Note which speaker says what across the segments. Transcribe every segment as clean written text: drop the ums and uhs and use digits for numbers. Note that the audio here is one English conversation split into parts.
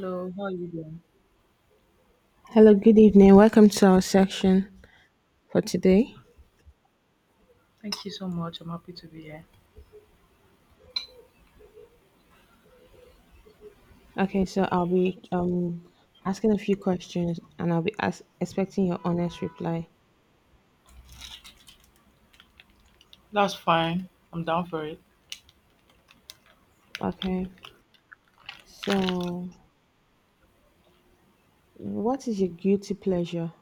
Speaker 1: Hello, how are you doing?
Speaker 2: Hello, good evening. Welcome to our section for today.
Speaker 1: Thank you so much. I'm happy to be here.
Speaker 2: Okay, so I'll be asking a few questions and I'll be as expecting your honest reply.
Speaker 1: That's fine. I'm down for it.
Speaker 2: Okay, so what is your guilty pleasure?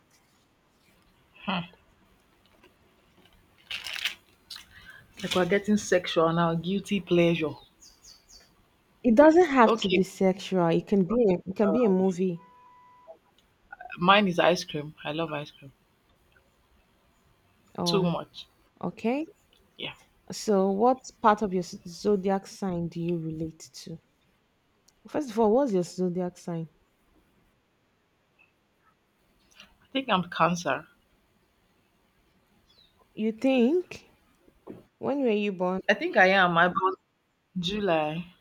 Speaker 1: Like we're getting sexual now, guilty pleasure.
Speaker 2: It doesn't have to be
Speaker 1: Okay.
Speaker 2: sexual. It can be a
Speaker 1: Uh,
Speaker 2: movie.
Speaker 1: Mine is ice cream. I love ice cream. Too
Speaker 2: Oh,
Speaker 1: much.
Speaker 2: okay.
Speaker 1: Yeah.
Speaker 2: So what part of your zodiac sign do you relate to? First of all, what's your zodiac sign?
Speaker 1: I think I'm cancer.
Speaker 2: You think, when were you born?
Speaker 1: I think I am. I but July.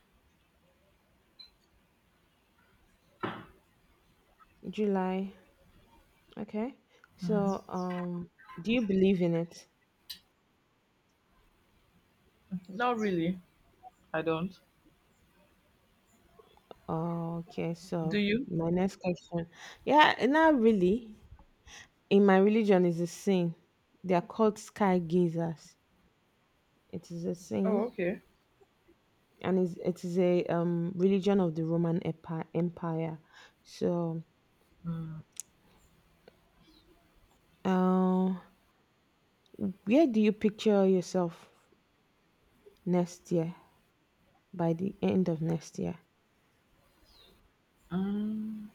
Speaker 2: July. Okay. So, do you believe in it?
Speaker 1: Not really. I don't.
Speaker 2: Okay,
Speaker 1: Do
Speaker 2: so
Speaker 1: you?
Speaker 2: my next question. Yeah, not really. In my religion, is a sin. They are called sky gazers. It is a
Speaker 1: Oh,
Speaker 2: sin,
Speaker 1: okay.
Speaker 2: and is it is a religion of the Empire. So,
Speaker 1: Mm.
Speaker 2: um, where do you picture yourself next year? By the end of next year,
Speaker 1: Mm.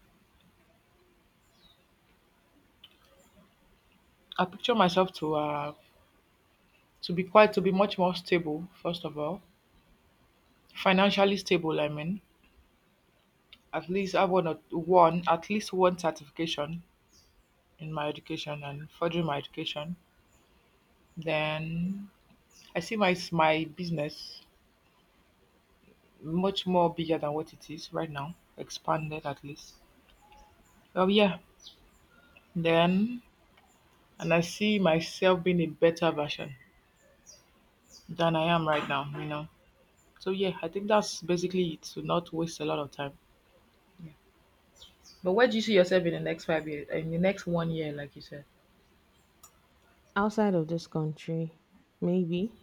Speaker 1: I picture myself to be much more stable. First of all, financially stable. I mean, at least have one or one at least one certification in my education and furthering my education. Then I see my business much more bigger than what it is right now, expanded at least. Oh yeah, then and I see myself being a better version than I am right now. You know, so yeah, I think that's basically it. To not waste a lot of time. Yeah. But where do you see yourself in the next 5 years? In the next one year, like you said,
Speaker 2: outside of this country, maybe.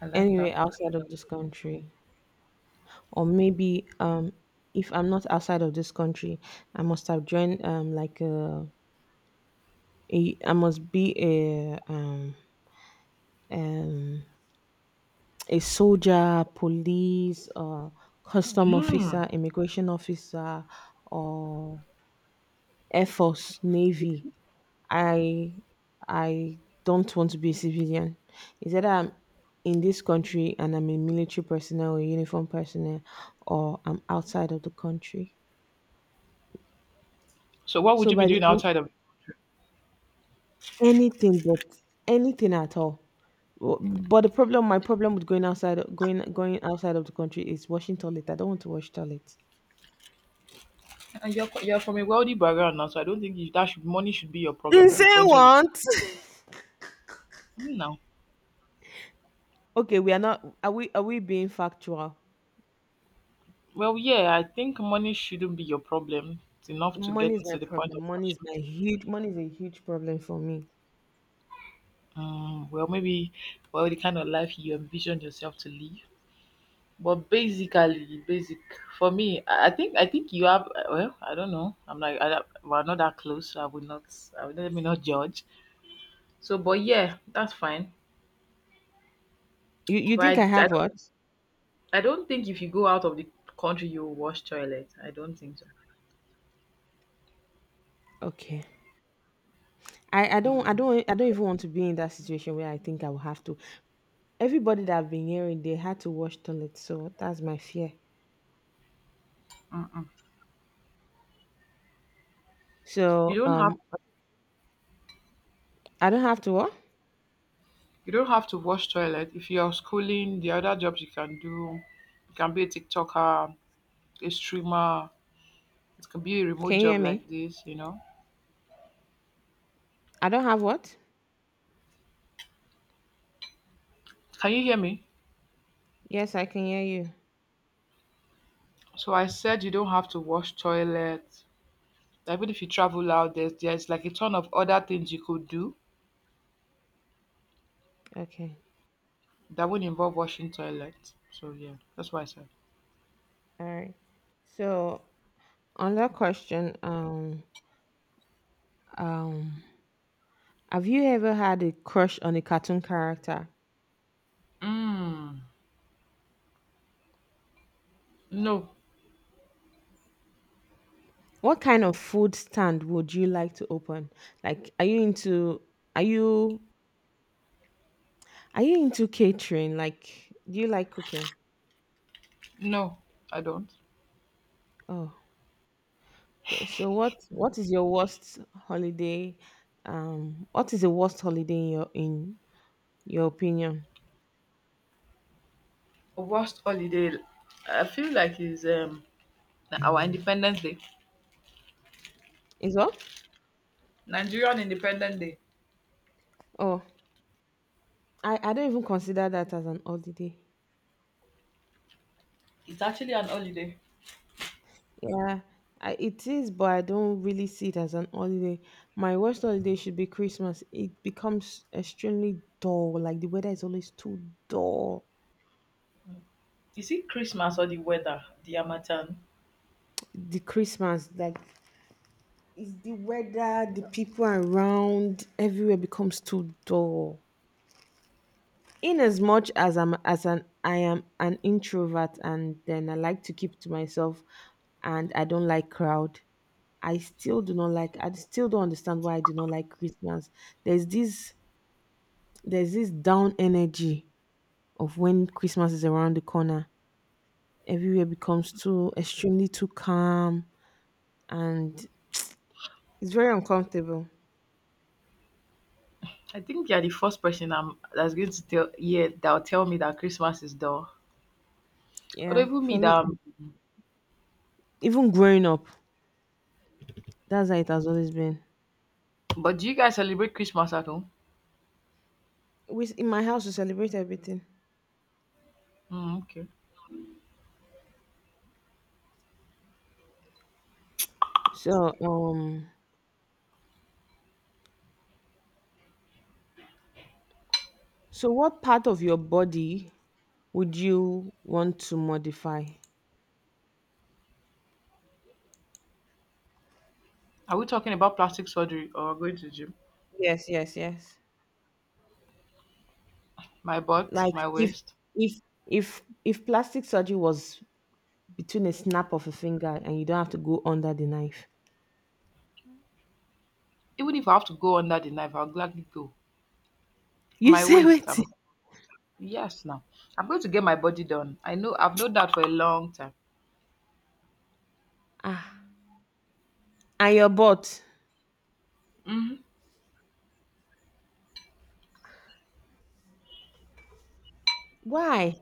Speaker 1: I like
Speaker 2: Anyway,
Speaker 1: that.
Speaker 2: outside of this country. Or maybe if I'm not outside of this country, I must have joined like a I must be um a soldier, police, or custom officer,
Speaker 1: Hmm.
Speaker 2: immigration officer, or air force, navy. I i don't want to be a civilian. Is that I'm in this country and I'm a military personnel or uniform personnel, or I'm outside of the country.
Speaker 1: So what would
Speaker 2: So
Speaker 1: you be
Speaker 2: by the
Speaker 1: doing
Speaker 2: end,
Speaker 1: outside of?
Speaker 2: anything but anything at all. But the problem, my problem with going outside, going outside of the country is washing toilet. I don't want to wash toilet.
Speaker 1: And you're from a wealthy background now, so I don't think you, that should money should be your problem to the
Speaker 2: Insane
Speaker 1: point where you...
Speaker 2: want.
Speaker 1: Hmm, now.
Speaker 2: Okay, we are not. Are we? Are we being factual?
Speaker 1: Well, yeah, I think money shouldn't be your problem. It's enough to
Speaker 2: Money is
Speaker 1: get
Speaker 2: my
Speaker 1: to the point
Speaker 2: problem.
Speaker 1: of
Speaker 2: Money is
Speaker 1: worship.
Speaker 2: my huge. Money is a huge problem for me.
Speaker 1: Well, maybe well the kind of life you envision yourself to live. But basic for me, I think you have. Well, I don't know. I'm like I, don't- we're not that close. So I would not. I would Let me not judge. So, but yeah, that's fine.
Speaker 2: You
Speaker 1: But I,
Speaker 2: think I
Speaker 1: I
Speaker 2: have
Speaker 1: don't.
Speaker 2: what?
Speaker 1: I don't think if you go out of the country, you will wash toilet. I don't think so.
Speaker 2: Okay. I don't even want to be in that situation where I think I will have to. Everybody that I've been hearing, they had to wash toilet, so that's my fear.
Speaker 1: Mm-mm. You
Speaker 2: So
Speaker 1: don't have
Speaker 2: I don't have to what?
Speaker 1: you don't have to wash toilet if you're schooling. The other jobs you can do, you can be a TikToker, a streamer. It can be a remote
Speaker 2: Can you hear
Speaker 1: job like
Speaker 2: me?
Speaker 1: this. You know.
Speaker 2: I don't have what?
Speaker 1: Can you hear me?
Speaker 2: Yes, I can hear you.
Speaker 1: So I said you don't have to wash toilet. Like, even if you travel out, there's like a ton of other things you could do
Speaker 2: Okay.
Speaker 1: that would involve washing toilet. So yeah, that's what I said.
Speaker 2: All right. So on that question, um, have you ever had a crush on a cartoon character?
Speaker 1: Mm, no,
Speaker 2: What kind of food stand would you like to open? Like, are you into, are you are you into catering? Like, do you like cooking?
Speaker 1: no, I don't.
Speaker 2: Oh, okay. So what is your worst holiday? What is the worst holiday in your opinion?
Speaker 1: Worst holiday. I feel like is our Independence Day.
Speaker 2: Is what?
Speaker 1: Nigerian Independent Day.
Speaker 2: Oh, I don't even consider that as an holiday.
Speaker 1: It's actually an holiday.
Speaker 2: Yeah, I, it is, but I don't really see it as an holiday. My worst holiday should be Christmas. It becomes extremely dull. Like the weather is always too dull.
Speaker 1: Is it Christmas or the weather? The Harmattan.
Speaker 2: The Christmas, like, is the weather, the people around, everywhere becomes too dull. In as much as I am an introvert and then I like to keep to myself and I don't like crowd. I still don't understand why I do not like Christmas. There's this there's this down energy of when Christmas is around the corner. Everywhere becomes too extremely too calm, and it's very uncomfortable.
Speaker 1: I think you're the first person I'm, that's going to tell yeah that'll tell me that Christmas is dull. Or
Speaker 2: Yeah,
Speaker 1: even
Speaker 2: for
Speaker 1: me that.
Speaker 2: me, even growing up, that's how it has always been.
Speaker 1: But do you guys celebrate Christmas at home?
Speaker 2: We in my house, we celebrate everything.
Speaker 1: Mm, okay.
Speaker 2: So so, what part of your body would you want to modify?
Speaker 1: Are we talking about plastic surgery or going to the gym?
Speaker 2: Yes, yes, yes.
Speaker 1: My butt,
Speaker 2: Like,
Speaker 1: my waist.
Speaker 2: if if plastic surgery was between a snap of a finger and you don't have to go under the knife,
Speaker 1: Even if I have to go under the knife, I'll gladly go.
Speaker 2: you
Speaker 1: My
Speaker 2: say
Speaker 1: waist.
Speaker 2: wait.
Speaker 1: Yes, now I'm going to get my body done. I've known that for a long time.
Speaker 2: Ah, and your butt.
Speaker 1: Mhm.
Speaker 2: Why?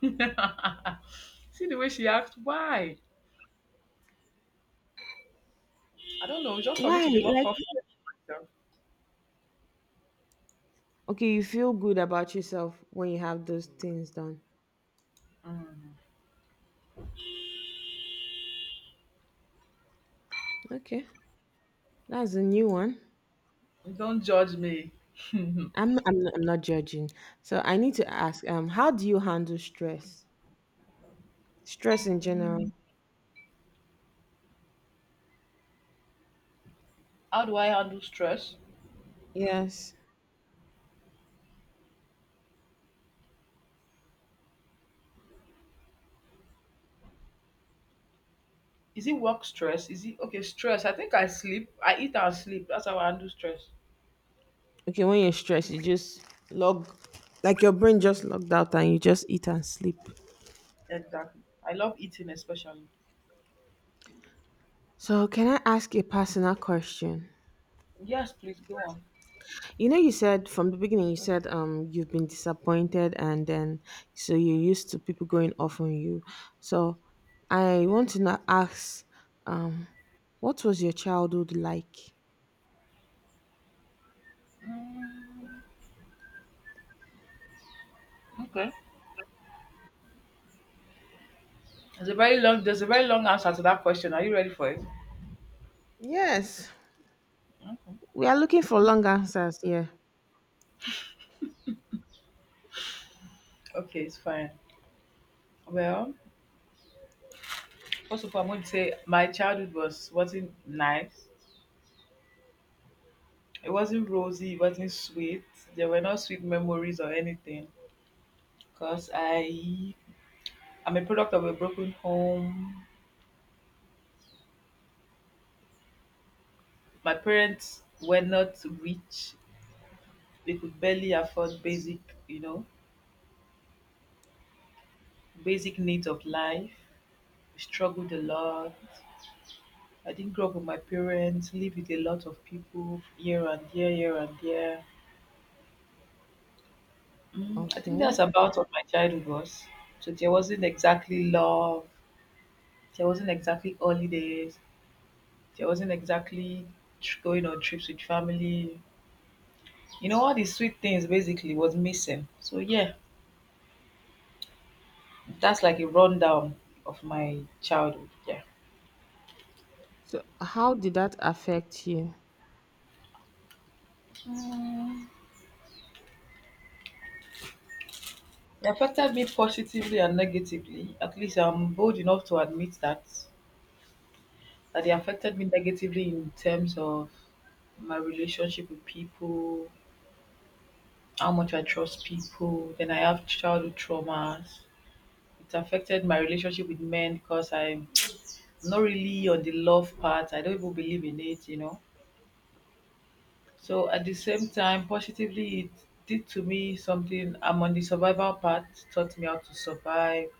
Speaker 1: See the way she asked, why? I don't know, just for me
Speaker 2: Why?
Speaker 1: to be more
Speaker 2: Like,
Speaker 1: confident in myself.
Speaker 2: okay, you feel good about yourself when you have those things done. Okay, that's a new one.
Speaker 1: Don't judge me.
Speaker 2: I'm not judging. So I need to ask, how do you handle stress? Stress in general.
Speaker 1: How do I handle stress?
Speaker 2: Yes.
Speaker 1: Is it work stress? Is it okay? Stress. I think I sleep. I eat and sleep. That's how I handle stress.
Speaker 2: Okay, when you're stressed, you just log, like your brain just logged out and you just eat and sleep.
Speaker 1: Exactly. I love eating especially.
Speaker 2: So can I ask a personal question?
Speaker 1: Yes, please go on.
Speaker 2: You know, you said from the beginning, you said you've been disappointed, and then so you're used to people going off on you. So I want to now ask um what was your childhood like?
Speaker 1: Okay. There's a very long answer to that question. Are you ready for it?
Speaker 2: Yes. We are looking for long answers here.
Speaker 1: Okay, it's fine. Well, first of all, I'm going to say my childhood wasn't nice. It wasn't rosy. It wasn't sweet. There were no sweet memories or anything. Cause I'm a product of a broken home. My parents were not rich. They could barely afford you know, basic needs of life. I struggled a lot. I didn't grow up with my parents, live with a lot of people year and year, year and year. I think that's
Speaker 2: Okay.
Speaker 1: about what my childhood was. So there wasn't exactly love. There wasn't exactly holidays. There wasn't exactly going on trips with family. You know, all these sweet things basically was missing. So yeah, that's like a rundown of my childhood. Yeah.
Speaker 2: So how did that affect you?
Speaker 1: Mm, It affected me positively and negatively. At least I'm bold enough to admit that. That it affected me negatively in terms of my relationship with people, how much I trust people. Then I have childhood traumas. It affected my relationship with men because I'm not really on the love part. I don't even believe in it, you know. So at the same time, positively, it did to me something. I'm on the survival path, taught me how to survive,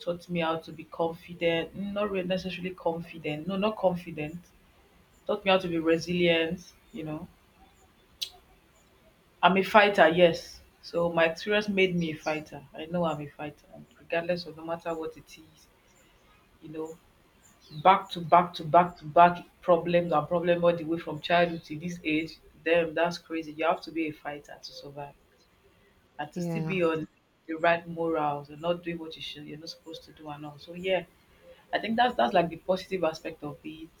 Speaker 1: taught me how to be confident, not really necessarily confident, no, not confident, taught me how to be resilient. You know, I'm a fighter, yes. So my experience made me a fighter. I know I'm a fighter, and regardless of no matter what it is, you know, back to back to back to back problems and problem all the way from childhood to this age. Damn, that's crazy. You have to be a fighter to survive. And to still
Speaker 2: Yeah.
Speaker 1: be on the right morals and not doing what you're not supposed to do and all. So yeah, I think that's like the positive aspect of it.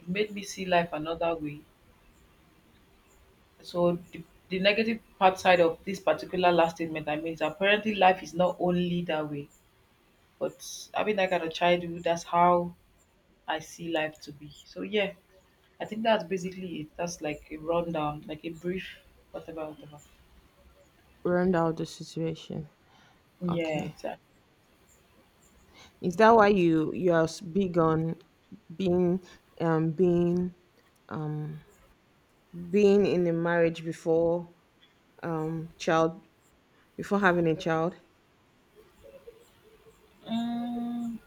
Speaker 1: It made me see life another way. So the negative part side of this particular last statement I made is apparently life is not only that way. But having that kind of childhood, that's how I see life to be. So yeah, I think that's basically it. That's like a rundown, like a brief whatever, whatever.
Speaker 2: Round out the situation.
Speaker 1: Yeah,
Speaker 2: Okay,
Speaker 1: exactly.
Speaker 2: is that why you are big on being being um in a marriage before child before having a child?
Speaker 1: Mm,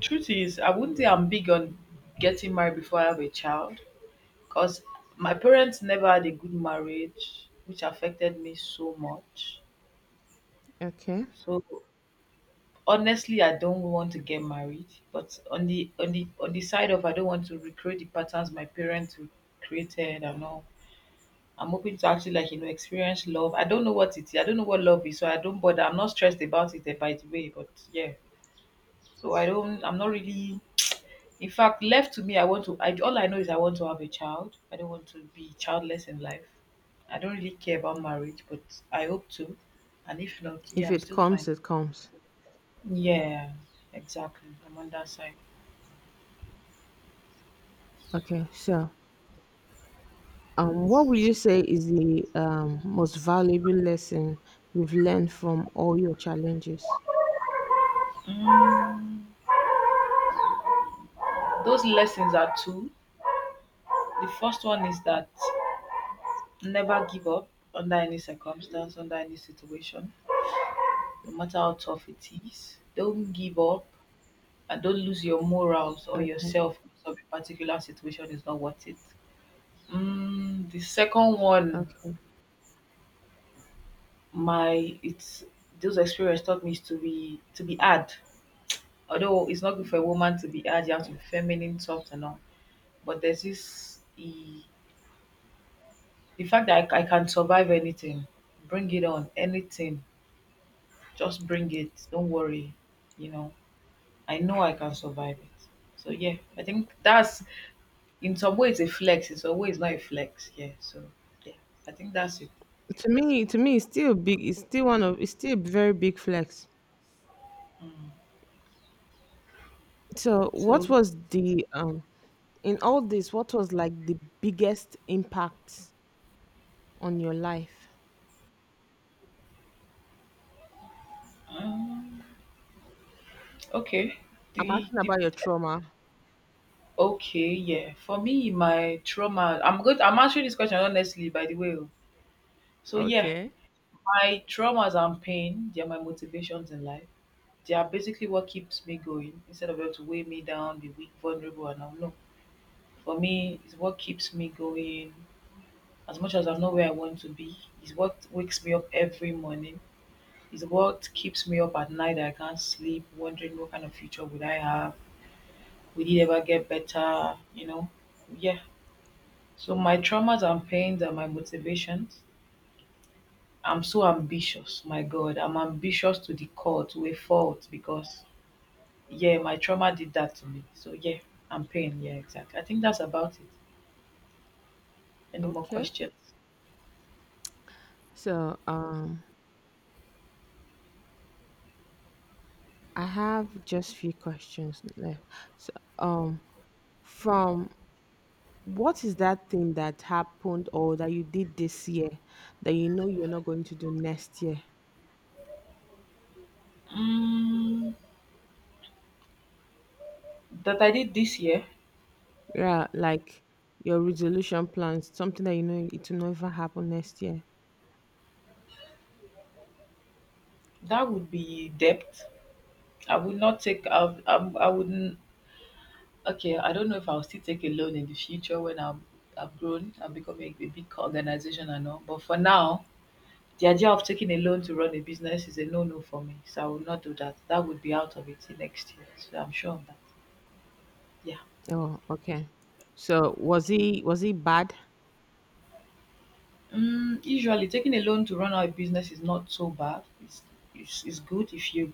Speaker 1: Truth is, I wouldn't say I'm big on getting married before I have a child because my parents never had a good marriage, which affected me so much.
Speaker 2: Okay,
Speaker 1: So honestly, I don't want to get married. But on the on the side of I don't want to recreate the patterns my parents created and all. I'm hoping to actually like experience love. I don't know what it is. I don't know what love is, so I don't bother. I'm not stressed about it eh, by the way. But yeah, so I don't. I'm not really. In fact, left to me, I want to. All I know is I want to have a child. I don't want to be childless in life. I don't really care about marriage, but I hope to. And if not, yeah,
Speaker 2: if
Speaker 1: I'm
Speaker 2: it
Speaker 1: still fine.
Speaker 2: comes, it comes.
Speaker 1: Yeah, exactly. I'm on that side.
Speaker 2: Okay, so what would you say is the most valuable lesson you've learned from all your challenges?
Speaker 1: Mm, those lessons are two. The first one is that never give up under any circumstance, under any situation, no matter how tough it is. Don't give up and don't lose your morals or
Speaker 2: Okay.
Speaker 1: yourself because of a particular situation is not worth it. The second one,
Speaker 2: Okay.
Speaker 1: my it's those experience taught me is to be hard. Although it's not good for a woman to be hard, you have to be feminine, soft and all. But there's this the fact that I can survive anything, bring it on, anything, just bring it. Don't worry, you know. I know I can survive it. So yeah, I think that's in some ways a flex. In some ways not a flex. Yeah. So yeah, I think that's it.
Speaker 2: To me, it's still big. It's still one of. It's still a very big flex. So, what
Speaker 1: So
Speaker 2: was the in all this? What was like the biggest impact on your life?
Speaker 1: um, okay,
Speaker 2: I'm
Speaker 1: the
Speaker 2: asking
Speaker 1: the
Speaker 2: about your trauma.
Speaker 1: okay, yeah. For me, my trauma, I'm good. I'm answering this question honestly, by the way. Oh. So, yeah,
Speaker 2: Okay.
Speaker 1: my traumas and pain, they're my motivations in life. They are basically what keeps me going instead of them to weigh me down, be weak, vulnerable, and I'm low. For me, it's what keeps me going. As much as I'm not where I want to be, it's what wakes me up every morning. It's what keeps me up at night, that I can't sleep, wondering what kind of future would I have? Will it ever get better? You know, yeah. So my traumas and pains are my motivations. I'm so ambitious. My God, I'm ambitious to the core, to a fault, because yeah, my trauma did that to me. So yeah, I'm pain. Yeah, exactly. I think that's about it. Any more
Speaker 2: Okay.
Speaker 1: questions?
Speaker 2: So, I have just few questions left. So, um, from what is that thing that happened or that you did this year that you know you're not going to do next year?
Speaker 1: Mm, that I did this year,
Speaker 2: Yeah, like your resolution plans, something that you know it will never happen next year.
Speaker 1: that would be debt. I would not take. I wouldn't. Okay, I don't know if I'll still take a loan in the future when I've grown and become a big organization and all. But for now, the idea of taking a loan to run a business is a no no for me, so I will not do that. That would be out of it till next year, so I'm sure of that. Yeah.
Speaker 2: Oh, okay. So was he bad?
Speaker 1: Usually, taking a loan to run out a business is not so bad. It's good if you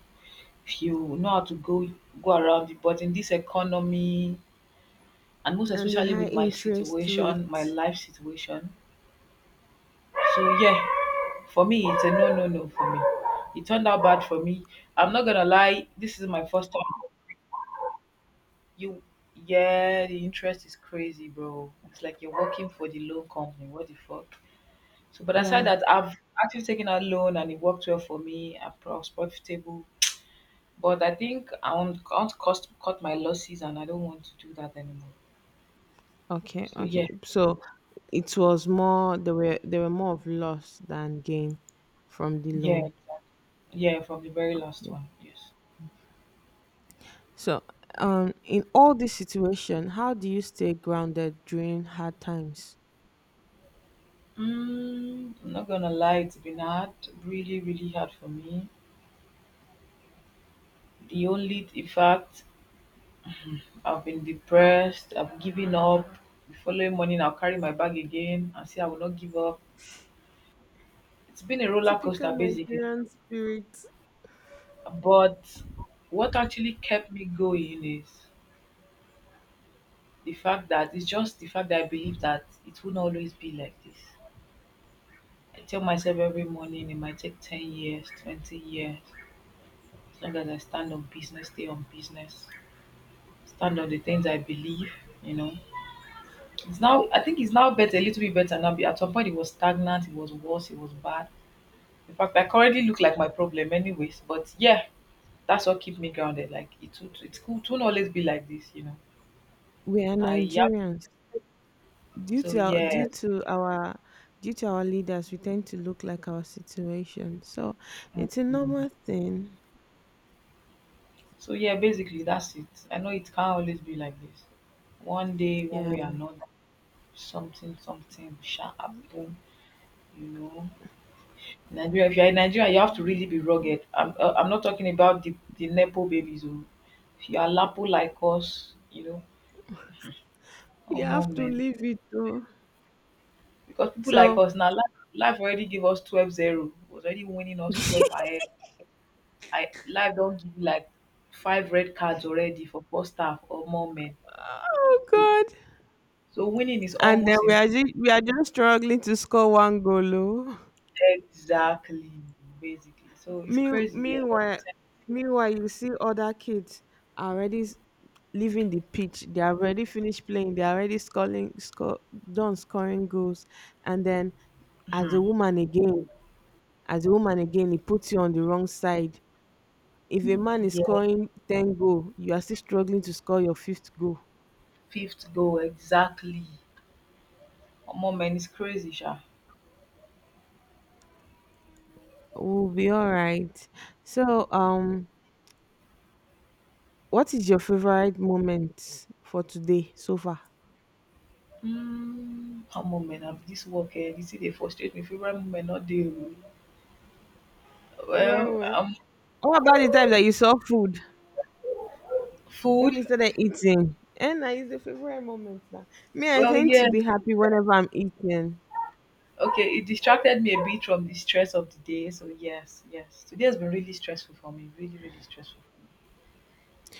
Speaker 1: if you know how to go around it. But in this economy, and most
Speaker 2: And the
Speaker 1: especially
Speaker 2: high
Speaker 1: with my
Speaker 2: interest
Speaker 1: situation, my
Speaker 2: rate.
Speaker 1: life situation, so yeah, for me it's a no no no for me. It turned out bad for me. I'm not gonna lie. This is my first time. You, yeah, the interest is crazy, bro. It's like you're working for the loan company. What the fuck? So, but aside
Speaker 2: Yeah.
Speaker 1: that, I've actually taken out loan and it worked well for me. I was profitable, but I think I want to cut my losses and I don't want to do that anymore.
Speaker 2: Okay.
Speaker 1: So,
Speaker 2: Okay.
Speaker 1: yeah,
Speaker 2: So it was more, there were more of loss than gain from the
Speaker 1: yeah,
Speaker 2: loan.
Speaker 1: yeah, from the very last
Speaker 2: Yeah.
Speaker 1: one, yes.
Speaker 2: So in all this situation, how do you stay grounded during hard times?
Speaker 1: I'm not gonna lie, it's been hard, really, really hard for me. In fact, I've been depressed, I've given up. The following morning, I'll carry my bag again and say I will not give up. It's been a roller
Speaker 2: Typical
Speaker 1: coaster basically.
Speaker 2: Nigerian spirit.
Speaker 1: But what actually kept me going is the fact that it's just the fact that I believe that it won't always be like this. I tell myself every morning it might take 10 years, 20 years, as long as I stand on business, stay on business, stand on the things I believe, you know. I think it's now better, a little bit better now. At some point, it was stagnant, it was worse, it was bad. In fact, I currently look like my problem anyways, but yeah, that's what keep me grounded. Like it would it could it won't always be like this.
Speaker 2: We are
Speaker 1: I Yeah.
Speaker 2: Nigerians. Due
Speaker 1: So
Speaker 2: to our, due
Speaker 1: yeah.
Speaker 2: to our Due to our leaders, we tend to look like our situation. So it's a normal
Speaker 1: Mm.
Speaker 2: thing.
Speaker 1: So yeah, basically that's it. I know it can't always be like this. One day, one
Speaker 2: Yeah,
Speaker 1: way or another, something shall happen, you know. Nigeria, if you're in Nigeria, you have to really be rugged. I'm not talking about the Nepo babies. Oh. If you are Lapo like us,
Speaker 2: we
Speaker 1: or more
Speaker 2: have to
Speaker 1: men,
Speaker 2: leave it though.
Speaker 1: because people like
Speaker 2: So
Speaker 1: us now, life already give us 12-0. 0 was already winning us 12 ahead. I Life don't give you like five red cards already for first staff or more men.
Speaker 2: oh god,
Speaker 1: So winning is
Speaker 2: and then
Speaker 1: almost impossible.
Speaker 2: we are just struggling to score one goal. Oh.
Speaker 1: Exactly, basically. So it's
Speaker 2: Mean-
Speaker 1: crazy, yeah.
Speaker 2: Meanwhile, Meanwhile, you see other kids are already leaving the pitch. They have already finished playing. They are already done scoring goals, and then as a
Speaker 1: Mhm.
Speaker 2: woman again as a woman again, it puts you on the wrong side. If a man is
Speaker 1: Yeah,
Speaker 2: scoring 10 goal, you are still struggling to score your fifth goal.
Speaker 1: fifth goal exactly. Omo man is crazy, sha.
Speaker 2: We'll be all right. So, what is your favorite moment for today so far?
Speaker 1: Omo man, I'm this work this thing dey frustrate me. Favorite moment not dey. Oh.
Speaker 2: Favorite
Speaker 1: Well,
Speaker 2: moment. What about the time that you saw food, when
Speaker 1: food.
Speaker 2: you started eating? And I is the favorite moment now. Me, I
Speaker 1: Well,
Speaker 2: tend to
Speaker 1: yeah.
Speaker 2: be happy whenever I'm eating.
Speaker 1: Okay, it distracted me a bit from the stress of the day. So yes, yes. Today has been really stressful for me. Really, really stressful.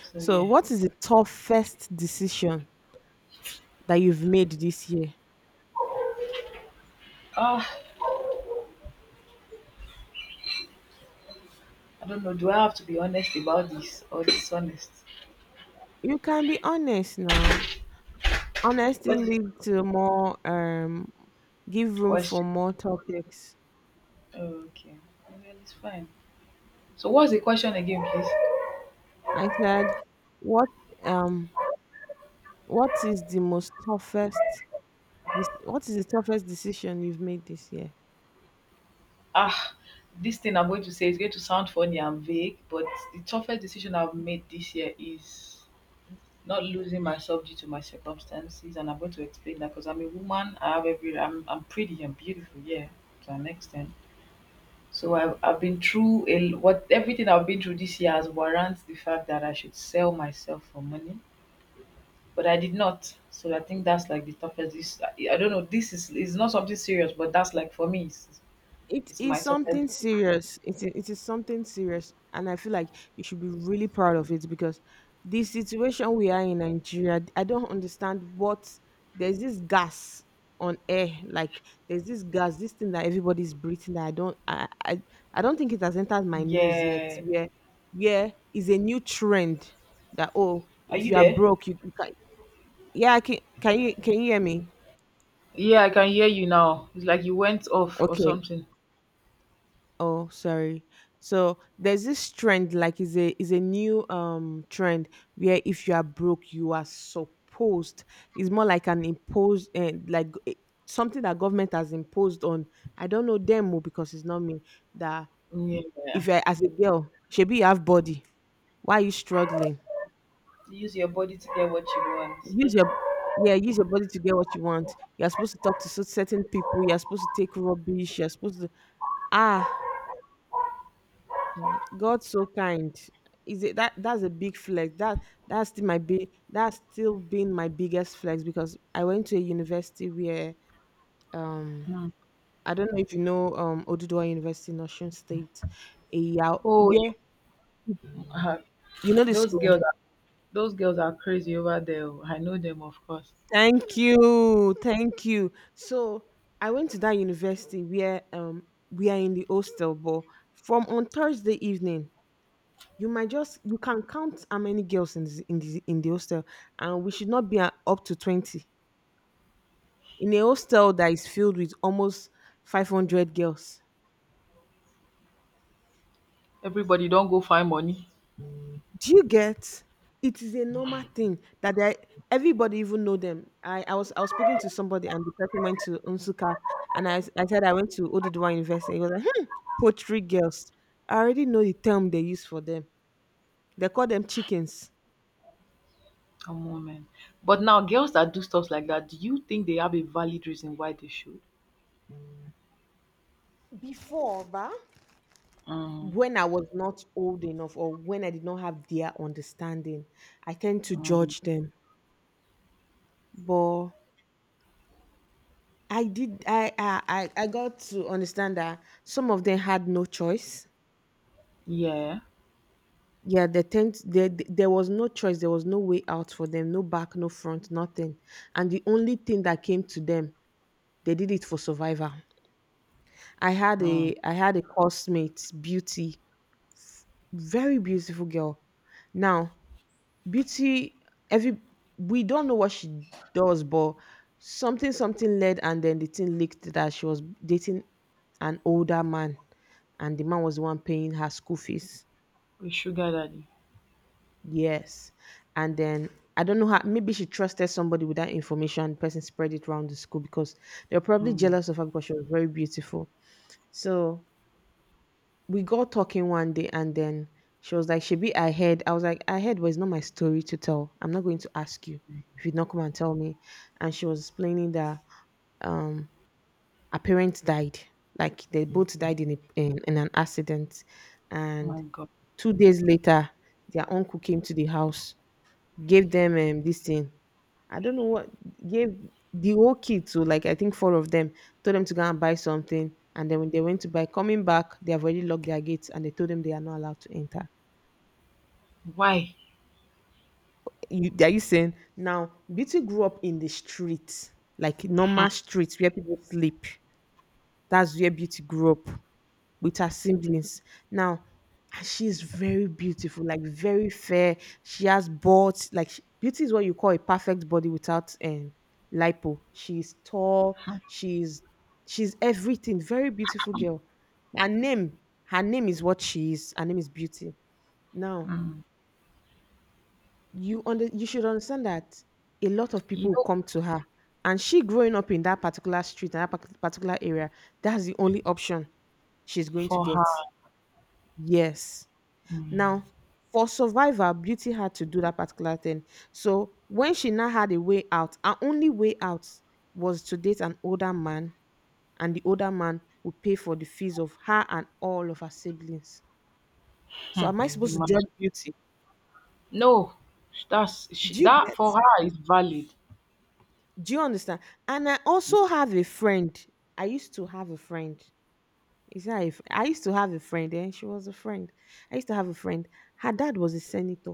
Speaker 1: So
Speaker 2: So,
Speaker 1: yeah.
Speaker 2: what is the toughest decision that you've made this year?
Speaker 1: Ah, I don't know. Do I have to be honest about this or dishonest?
Speaker 2: You can be honest now. Honesty
Speaker 1: What is the
Speaker 2: lead to more, give room for
Speaker 1: question?
Speaker 2: more topics.
Speaker 1: Okay. Well, it's fine. So what's the question again, please?
Speaker 2: I said, what, um, is the what is the toughest decision you've made this year?
Speaker 1: Ah, this thing I'm going to say is going to sound funny and vague, but the toughest decision I've made this year is not losing myself due to my circumstances. And I'm going to explain that because I'm a woman. I have every. I'm pretty and beautiful. Yeah, to an extent. So I've been through what everything I've been through this year has warrants the fact that I should sell myself for money, but I did not. So I think that's like the toughest. This I don't know. This is not something serious, but that's like for me, it's,
Speaker 2: It
Speaker 1: it's my
Speaker 2: is
Speaker 1: toughest.
Speaker 2: something
Speaker 1: Decision.
Speaker 2: serious. It is something serious, and I feel like you should be really proud of it because the situation we are in Nigeria, I don't understand what. There's this gas on air, like there's this gas, this thing that everybody's breathing. That I don't think it has entered my nose yet.
Speaker 1: Yeah.
Speaker 2: Where is a new trend that oh,
Speaker 1: Are
Speaker 2: if
Speaker 1: you
Speaker 2: you are
Speaker 1: there?
Speaker 2: broke, you can, yeah, I can, can you hear me?
Speaker 1: Yeah, I can hear you now. It's like you went off or
Speaker 2: Okay.
Speaker 1: something.
Speaker 2: Oh, sorry. So there's this trend, like is a new trend where if you are broke, you are supposed. It's more like an imposed, and like something that government has imposed on. I don't know them oh, because it's not me. That
Speaker 1: Yeah.
Speaker 2: if you're as a girl, shebi you have body. Why are you struggling?
Speaker 1: To use your body to get what you want. Yeah.
Speaker 2: Use your, yeah, use your body to get what you want. You're supposed to talk to certain people. You're supposed to take rubbish. You're supposed to ah, God so kind. Is it that that's a big flex. That that's still been my biggest flex because I went to a university where um
Speaker 1: Mm.
Speaker 2: I don't know if you know Oduduwa University in Osun State. A
Speaker 1: Oh, you,
Speaker 2: where
Speaker 1: uh,
Speaker 2: you know the
Speaker 1: those
Speaker 2: school.
Speaker 1: girls, are, those girls are crazy over there. Oh. I know them, of course.
Speaker 2: Thank you. Thank you. So I went to that university where we are in the hostel, but from on Thursday evening you might just, you can count how many girls in this, in the hostel, and we should not be at up to 20 in a hostel that is filled with almost 500 girls.
Speaker 1: Everybody don't go find money.
Speaker 2: Do you get it is a normal thing that they, everybody even know them. I was speaking to somebody and the person went to Unsuka, and I said I went to Oduduwa University, he was like, hmm, poetry girls. I already know the term they use for them. They call them chickens
Speaker 1: Come on, man. But now, girls that do stuff like that, do you think they have a valid reason why they should?
Speaker 2: before ba.
Speaker 1: Mm.
Speaker 2: When I was not old enough or when I did not have their understanding, I tend to
Speaker 1: Mm.
Speaker 2: judge them. But I did I got to understand that some of them had no choice.
Speaker 1: Yeah.
Speaker 2: Yeah, they tend, there was no choice, there was no way out for them, no back, no front, nothing. And the only thing that came to them, they did it for survival.
Speaker 1: Mm.
Speaker 2: I had a coursemate, Beauty, very beautiful girl. Now Beauty, every we don't know what she does, but something led, and then the thing leaked that she was dating an older man, and the man was the one paying her school fees.
Speaker 1: With sugar daddy.
Speaker 2: Yes, and then I don't know how. Maybe she trusted somebody with that information. The person spread it around the school because they were probably
Speaker 1: Mm.
Speaker 2: jealous of her because she was very beautiful. So we got talking one day, and then she was like, she be I heard. I was like, I heard, but it's not my story to tell. I'm not going to ask you if you not come and tell me. And she was explaining that um her parents died. Like they both died in, in an accident.
Speaker 1: Oh
Speaker 2: And
Speaker 1: my God,
Speaker 2: 2 days later, their uncle came to the house, gave them this thing, I don't know what, gave the whole kid to, like, I think four of them, told them to go and buy something, and then when they went to buy, coming back, they have already locked their gates and they told them they are not allowed to enter.
Speaker 1: why?
Speaker 2: You, are you saying now? Beauty grew up in the street, like normal streets where people sleep. That's where Beauty grew up, with her siblings. Now, and she is very beautiful, like very fair. She has built like beauty is what you call a perfect body without lipo. She's tall. She's everything. Very beautiful girl. Her name, her name is what she is. Her name is Beauty. Now,
Speaker 1: Mm.
Speaker 2: you should understand that a lot of
Speaker 1: You
Speaker 2: people will
Speaker 1: know,
Speaker 2: come to her. And she growing up in that particular street, and that particular area, that's the only option she's going to
Speaker 1: for her,
Speaker 2: get. Yes.
Speaker 1: mm,
Speaker 2: Now, for survival, Beauty had to do that particular thing. So when she now had a way out, her only way out was to date an older man, and the older man would pay for the fees of her and all of her siblings. So
Speaker 1: hmm,
Speaker 2: am I supposed to judge
Speaker 1: imagine.
Speaker 2: Beauty?
Speaker 1: No,
Speaker 2: Do you
Speaker 1: that
Speaker 2: get?
Speaker 1: for her is valid.
Speaker 2: Do you understand? And I also have a friend. I used to have a friend. Is that if I used to have a friend, and she was a friend. I used to have a friend. Her dad was a senator.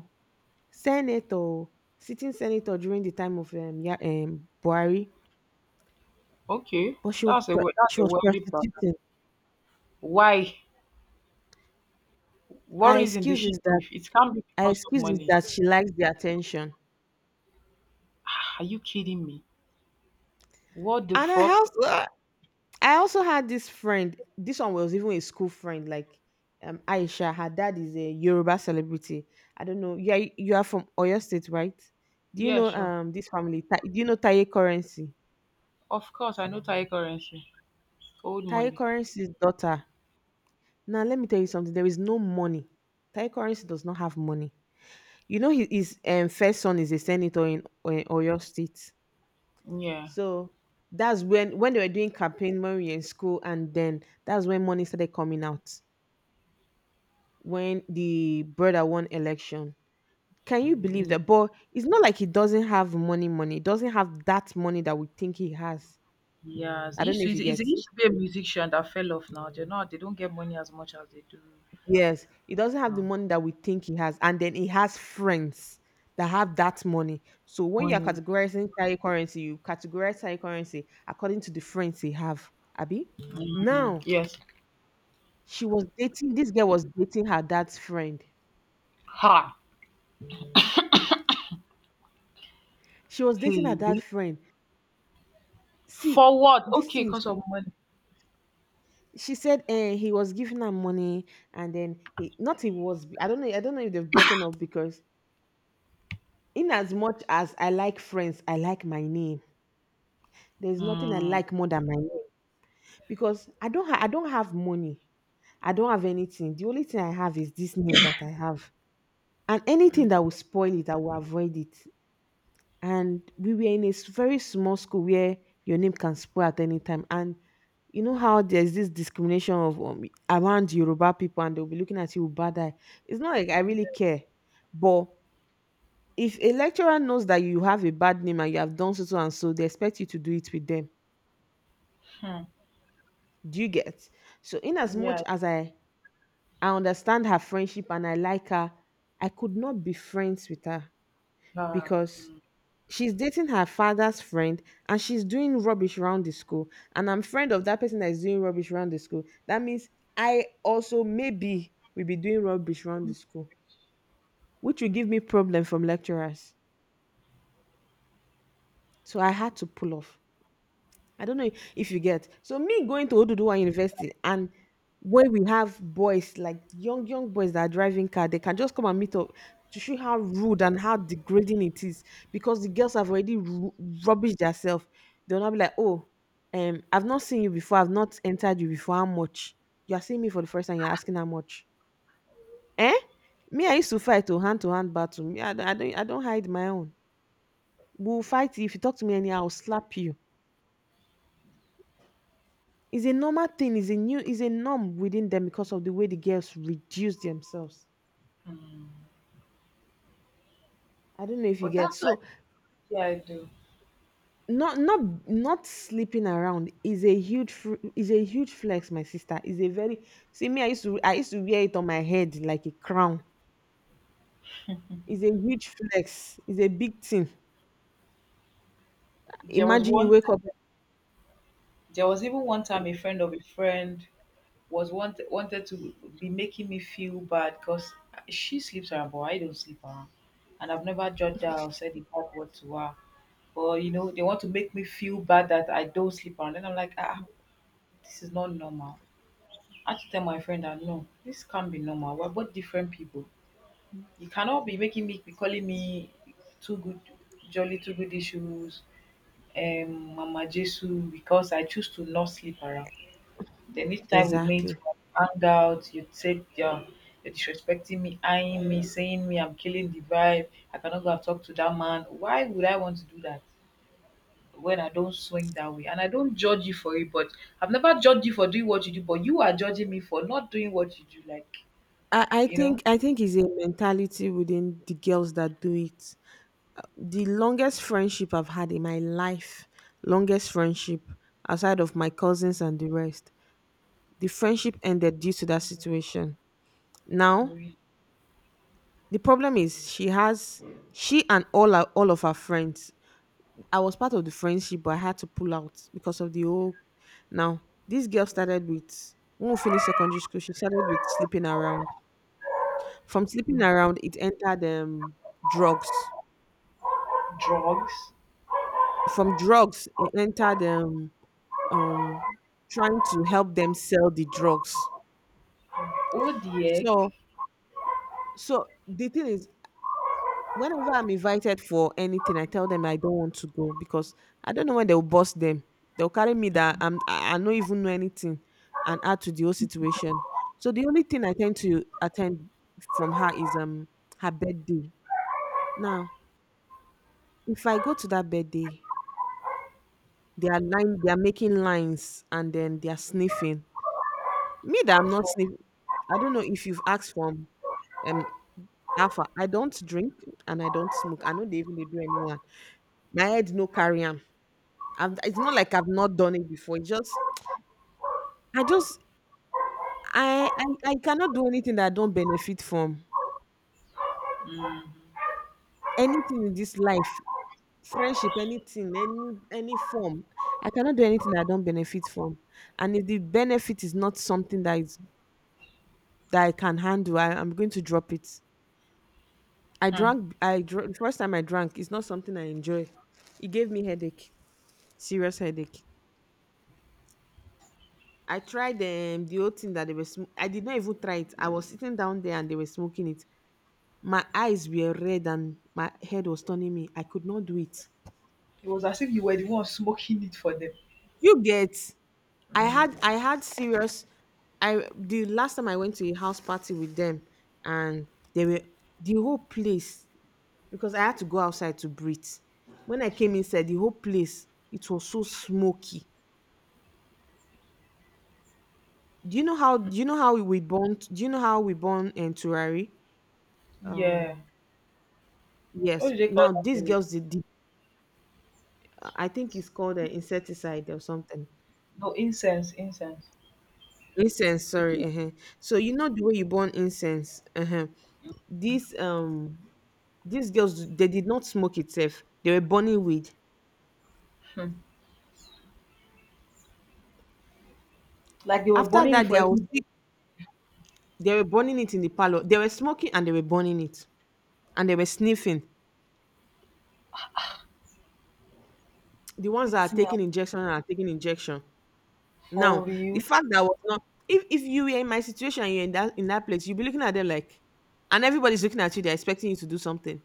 Speaker 2: Senator, sitting senator during the time of yeah, Buhari,
Speaker 1: Okay,
Speaker 2: but
Speaker 1: that's
Speaker 2: she
Speaker 1: a
Speaker 2: was
Speaker 1: wealthy brother.
Speaker 2: prostituting.
Speaker 1: Why? What
Speaker 2: Her
Speaker 1: reason did
Speaker 2: excuse
Speaker 1: she
Speaker 2: is that
Speaker 1: give? It can't be
Speaker 2: her
Speaker 1: because of
Speaker 2: excuse is
Speaker 1: money.
Speaker 2: that she likes the attention.
Speaker 1: Ah, are you kidding me? What the
Speaker 2: And
Speaker 1: fuck?
Speaker 2: I also had this friend. This one was even a school friend, like Aisha. Her dad is a Yoruba celebrity. I don't know. Yeah, you are from Oyo State, right? Do you
Speaker 1: Yeah,
Speaker 2: know
Speaker 1: sure.
Speaker 2: this family? Do you know Taye Currency?
Speaker 1: Of course, I know Thai currency, old
Speaker 2: Taye
Speaker 1: money.
Speaker 2: Currency's daughter. Now let me tell you something. There is no money. Taye Currency does not have money. You know, his first son is a senator in Oyo State.
Speaker 1: Yeah.
Speaker 2: So that's when they were doing campaign when we were in school, and then that's when money started coming out when the brother won election. Can you believe
Speaker 1: Mm,
Speaker 2: that? But it's not like he doesn't have money. He doesn't have that money that we think he has.
Speaker 1: Yes, it
Speaker 2: I don't
Speaker 1: used
Speaker 2: know
Speaker 1: to,
Speaker 2: if you
Speaker 1: it
Speaker 2: get.
Speaker 1: used to be a musician that fell off now. They don't get money as much as they do
Speaker 2: Yes, he doesn't have the
Speaker 1: now.
Speaker 2: money that we think he has, and then he has friends that have that money. So when you are
Speaker 1: Money.
Speaker 2: categorizing Thai currency, you categorize Thai currency according to the friends he have. Abby,
Speaker 1: Mm.
Speaker 2: now
Speaker 1: Yes.
Speaker 2: she was dating. This girl was dating her dad's friend.
Speaker 1: Ha.
Speaker 2: She was dating her
Speaker 1: Hey.
Speaker 2: dad's friend. See,
Speaker 1: For what?
Speaker 2: this
Speaker 1: Okay,
Speaker 2: thing is.
Speaker 1: because of money.
Speaker 2: She said eh, he was giving her money, and then he was. I don't know. I don't know if they've broken up because in as much as I like friends, I like my name. There's nothing I
Speaker 1: Mm.
Speaker 2: like more than my name. Because I don't have money. I don't have anything. The only thing I have is this name that I have. And anything
Speaker 1: Mm.
Speaker 2: that will spoil it, I will avoid it. And we were in a very small school where your name can spoil at any time. And you know how there's this discrimination of around Yoruba people and they'll be looking at you with bad eye. It's not like I really care. But if a lecturer knows that you have a bad name and you have done so, so and so, they expect you to do it with them.
Speaker 1: Hmm.
Speaker 2: Do you get? So in as much
Speaker 1: Yeah.
Speaker 2: as I understand her friendship and I like her. I could not be friends with her
Speaker 1: Yeah.
Speaker 2: because she's dating her father's friend and she's doing rubbish around the school. And I'm friend of that person that is doing rubbish around the school. That means I also maybe will be doing rubbish around the school, which will give me problem from lecturers. So I had to pull off. I don't know if you get. So me going to Oduduwa University, and where we have boys like young boys that are driving car, they can just come and meet up to show how rude and how degrading it is because the girls have already rubbished themselves. They'll not be like, oh, I've not seen you before, I've not entered you before. How much? You are seeing me for the first time. You're asking how much? Eh? Me, I used to fight to hand battle. Me, I don't hide my own. We'll fight if you talk to me anyhow. I'll slap you. It's a normal thing. It's a new. It's a norm within them because of the way the girls reduce themselves. I don't know if you
Speaker 1: But
Speaker 2: get.
Speaker 1: that's like,
Speaker 2: So
Speaker 1: yeah, I do.
Speaker 2: not not sleeping around is a is a huge flex, my sister. Is a very see me. I used to wear it on my head like a crown. It's a huge flex. It's a big thing.
Speaker 1: There was
Speaker 2: Imagine you
Speaker 1: one.
Speaker 2: wake up
Speaker 1: There was even one time a friend of a friend wanted to be making me feel bad because she sleeps around, but I don't sleep around, and I've never judged her or said a bad word to her. But they want to make me feel bad that I don't sleep around. Then I'm like, ah, this is not normal. I had to tell my friend that no, this can't be normal. We're both different people. You cannot be making me be calling me too good, jolly too good issues, Mama Jesus, because I choose to not sleep around. Then each time we meet,
Speaker 2: exactly.
Speaker 1: we hang out, you take your you're disrespecting me, eyeing me, saying me I'm killing the vibe. I cannot go and talk to that man. Why would I want to do that when I don't swing that way? And I don't judge you for it, but I've never judged you for doing what you do, but you are judging me for not doing what you do. Like,
Speaker 2: I, I
Speaker 1: you
Speaker 2: think
Speaker 1: know,
Speaker 2: I think it's a mentality within the girls that do it. The longest friendship I've had in my life, longest friendship aside of my cousins and the rest. The friendship ended due to that situation. Now,
Speaker 1: we-
Speaker 2: the problem is she and all her, all of her friends. I was part of the friendship, but I had to pull out because of the whole. Now, this girl started with when we finished secondary school. She started with sleeping around. From sleeping
Speaker 1: mm,
Speaker 2: around, it entered drugs.
Speaker 1: drugs.
Speaker 2: From drugs, it entered um trying to help them sell the drugs.
Speaker 1: Oh, the egg.
Speaker 2: So the thing is whenever I'm invited for anything, I tell them I don't want to go because I don't know when they'll bust them. They'll carry me that I don't even know anything and add to the whole situation. So the only thing I tend to attend from her is her birthday. Now, if I go to that birthday, they are making lines and then they are sniffing. Me that I'm not
Speaker 1: For,
Speaker 2: sniffing. I don't know if you've asked from um Alpha, I don't drink and I don't smoke. I know they even dey do anyone. My head no carry am. I've- It's not like I've not done it before. It's just I just I cannot do anything that I don't benefit from. Anything in this life, friendship, anything, any form. I cannot do anything that I don't benefit from. And if the benefit is not something that I can handle, I'm going to drop it.
Speaker 1: hmm.
Speaker 2: I drank the first time I drank, it's not something I enjoy. It gave me headache. Serious headache. I tried the whole thing that they were. I did not even try it. I was sitting down there and they were smoking it. My eyes were red and my head was turning me. I could not do it.
Speaker 1: It was as if you were the one smoking it for them.
Speaker 2: You get?
Speaker 1: Mm,
Speaker 2: I had serious. I The last time I went to a house party with them and they were the whole place, because I had to go outside to breathe. When I came inside, the whole place it was so smoky. Do you know how? Do you know how we burn? Do you know how we burn and turari?
Speaker 1: yeah.
Speaker 2: Um
Speaker 1: What
Speaker 2: Yes.
Speaker 1: do they call
Speaker 2: Now
Speaker 1: that
Speaker 2: these
Speaker 1: thing?
Speaker 2: girls did I think it's called an insecticide or something.
Speaker 1: No, incense, incense.
Speaker 2: Incense,
Speaker 1: Is
Speaker 2: sorry.
Speaker 1: it.
Speaker 2: So you know the way you burn incense. These um these girls they did not smoke itself. They were burning weed.
Speaker 1: Like they were
Speaker 2: After
Speaker 1: burning it
Speaker 2: that,
Speaker 1: for every
Speaker 2: they were burning it in the parlor. They were smoking and they were burning it and they were sniffing. The ones that are taking injection are taking injection.
Speaker 1: for
Speaker 2: Now the
Speaker 1: real.
Speaker 2: fact that I was not if you were in my situation and you're in that place, you'd be looking at them like, and everybody's looking at you. They're expecting you to do something.